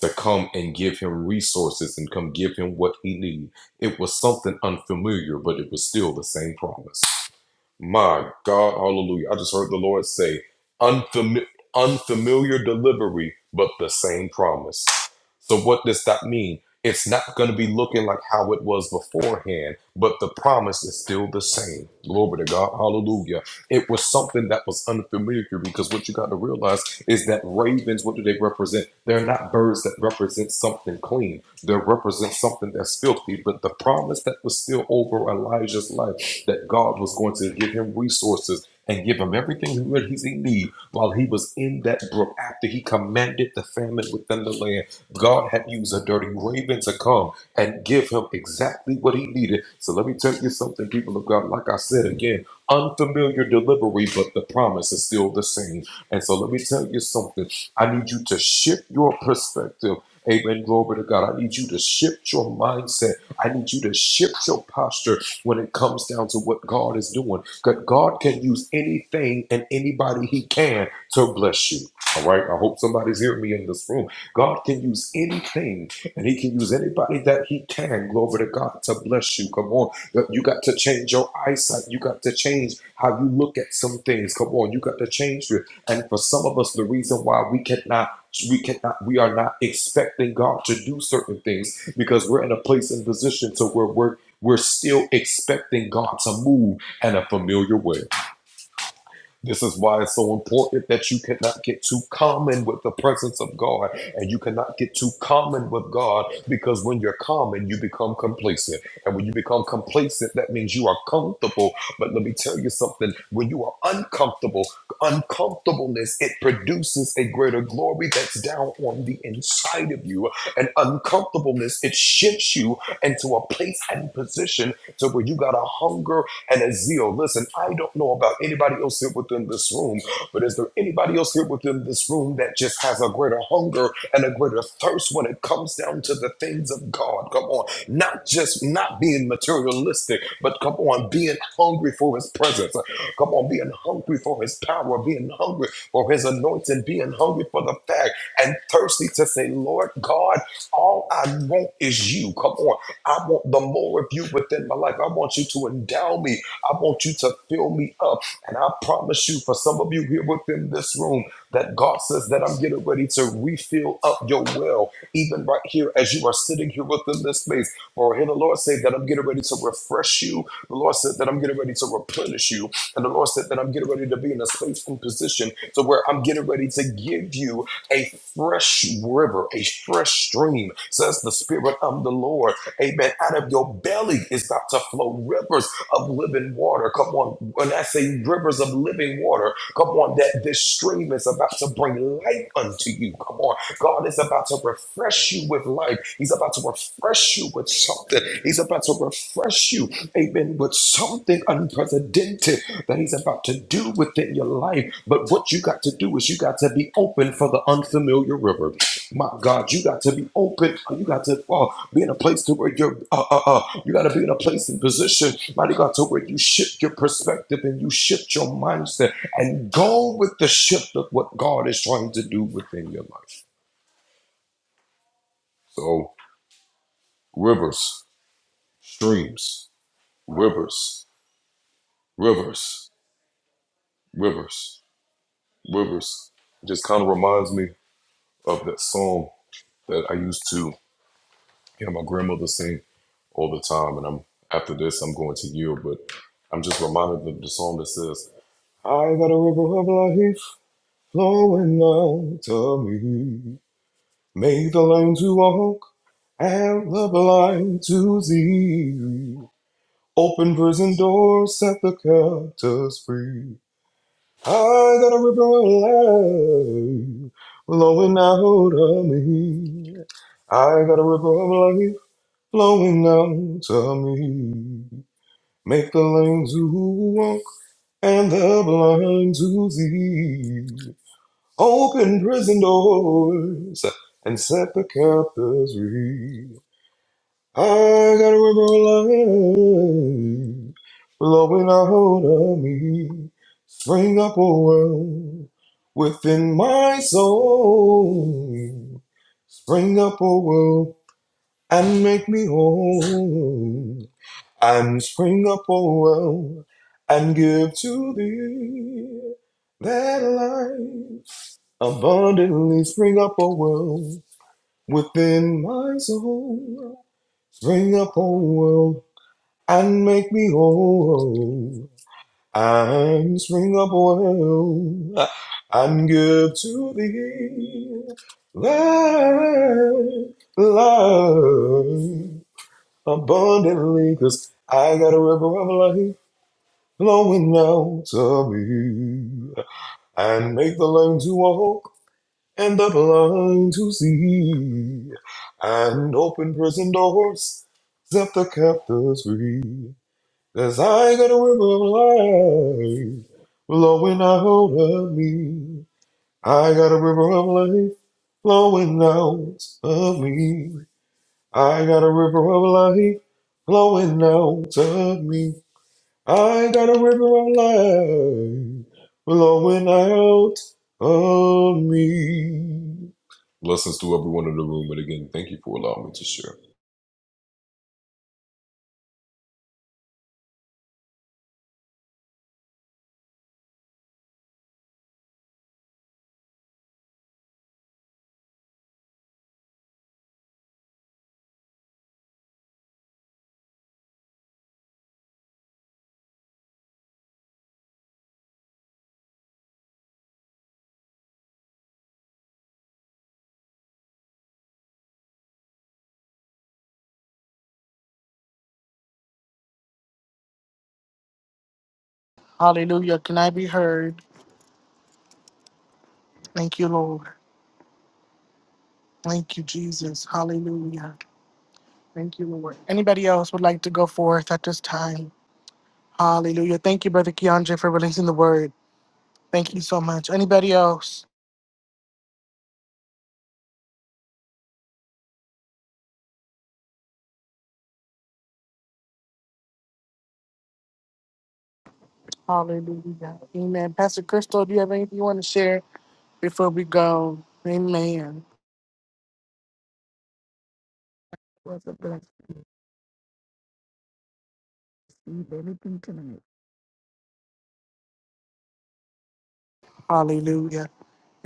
to come and give him resources and come give him what he needed. It was something unfamiliar, but it was still the same promise. My God, hallelujah. I just heard the Lord say, unfamiliar, unfamiliar delivery, but the same promise. So, what does that mean? It's not going to be looking like how it was beforehand, but the promise is still the same. Glory to God. Hallelujah. It was something that was unfamiliar because what you got to realize is that ravens, what do they represent? They're not birds that represent something clean, they represent something that's filthy. But the promise that was still over Elijah's life that God was going to give him resources and give him everything he would he need while he was in that brook after he commanded the famine within the land. God had used a dirty raven to come and give him exactly what he needed. So let me tell you something, people of God. Like I said again, unfamiliar delivery, but the promise is still the same. And so let me tell you something. I need you to shift your perspective. Amen. Glory to God. I need you to shift your mindset. I need you to shift your posture when it comes down to what God is doing. God God can use anything and anybody He can to bless you. All right. I hope somebody's hearing me in this room. God can use anything and He can use anybody that He can. Glory to God to bless you. Come on. You got to change your eyesight. You got to change how you look at some things. Come on. You got to change your and for some of us, the reason why we cannot, we cannot, we are not expecting God to do certain things because we're in a place and position to where we're we're still expecting God to move in a familiar way. This is why it's so important that you cannot get too common with the presence of God and you cannot get too common with God because when you're common, you become complacent. And when you become complacent, that means you are comfortable. But let me tell you something when you are uncomfortable, uncomfortableness, it produces a greater glory that's down on the inside of you. And uncomfortableness, it shifts you into a place and position to where you got a hunger and a zeal. Listen, I don't know about anybody else here within this room, but is there anybody else here within this room that just has a greater hunger and a greater thirst when it comes down to the things of God? Come on. Not just not being materialistic, but come on, being hungry for his presence. Come on, being hungry for his power, being hungry for his anointing, being hungry for the fact and thirsty to say, Lord God, all I want is you. Come on. I want the more of you within my life. I want you to endow me. I want you to fill me up. And I promise you, for some of you here within this room, that God says that I'm getting ready to refill up your well, even right here as you are sitting here within this place. For I hear the Lord say that I'm getting ready to refresh you. The Lord said that I'm getting ready to replenish you. And the Lord said that I'm getting ready to be in a space and position to where I'm getting ready to give you a fresh river, a fresh stream, says the Spirit of the Lord. Amen. Out of your belly is about to flow rivers of living water. Come on. When I say rivers of living water, come on, that this stream is about to bring life unto you. Come on. God is about to refresh you with life. He's about to refresh you with something. He's about to refresh you, amen, with something unprecedented that He's about to do within your life. But what you got to do is you got to be open for the unfamiliar river. My God, you got to be open. You got to uh, be in a place to where you're. Uh, uh, uh, you got to be in a place and position. Mighty God, to where you shift your perspective and you shift your mindset and go with the shift of what God is trying to do within your life. So rivers, streams, rivers, rivers, rivers, rivers. It just kind of reminds me of that song that I used to hear my grandmother sing. all the time. And I'm after this, I'm going to yield, but I'm just reminded of the song that says, "I got a river of life flowing out of me, make the lame to walk and the blind to see. Open prison doors, set the captives free. I got a river of life flowing out of me. I got a river of life flowing out of me. Make the lame to walk and the blind to see. Open prison doors and set the captives free. I got a river of life flowing out of me. Spring up a well within my soul. Spring up a well and make me whole and spring up, oh well, and give to thee that life abundantly. Spring up, oh well, within my soul. Spring up, oh well, and make me whole. And spring up, oh well, and give to thee that life abundantly. Cause I got a river of life Blowing out of me, and make the lame to walk and the blind to see, and open prison doors, set the captives free. 'Cause I got a river of life flowing out of me. I got a river of life flowing out of me. I got a river of life flowing out of me. I got a river of life flowing out of me. Blessings to everyone in the room, and again, thank you for allowing me to share. Hallelujah. Can I be heard? Thank you, Lord. Thank you, Jesus. Hallelujah. Thank you, Lord. Anybody else would like to go forth at this time? Hallelujah. Thank you, Brother Keandre, for releasing the word. Thank you so much. Anybody else? Hallelujah. Amen. Pastor Crystal, do you have anything you want to share before we go? Amen. was a blessing. to Receive anything tonight. Hallelujah.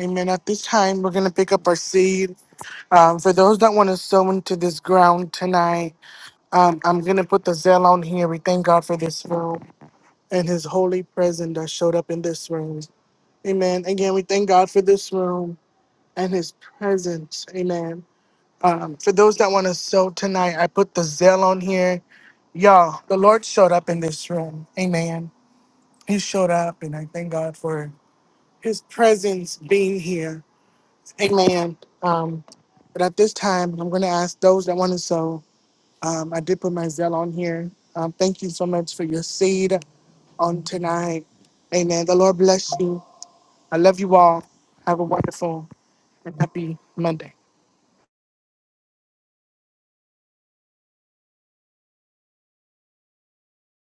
Amen. At this time, we're going to pick up our seed. Um, for those that want to sow into this ground tonight, um, I'm going to put the zeal on here. We thank God for this room and his holy presence that showed up in this room. Amen. Again, we thank God for this room and his presence. Amen. Um, for those that want to sow tonight, I put the Zell on here. Y'all, the Lord showed up in this room. Amen. He showed up, and I thank God for his presence being here. Amen. Um, but at this time, I'm going to ask those that want to sow. Um, I did put my Zell on here. Um, thank you so much for your seed on tonight. Amen. The Lord bless you. I love you all. Have a wonderful and happy Monday.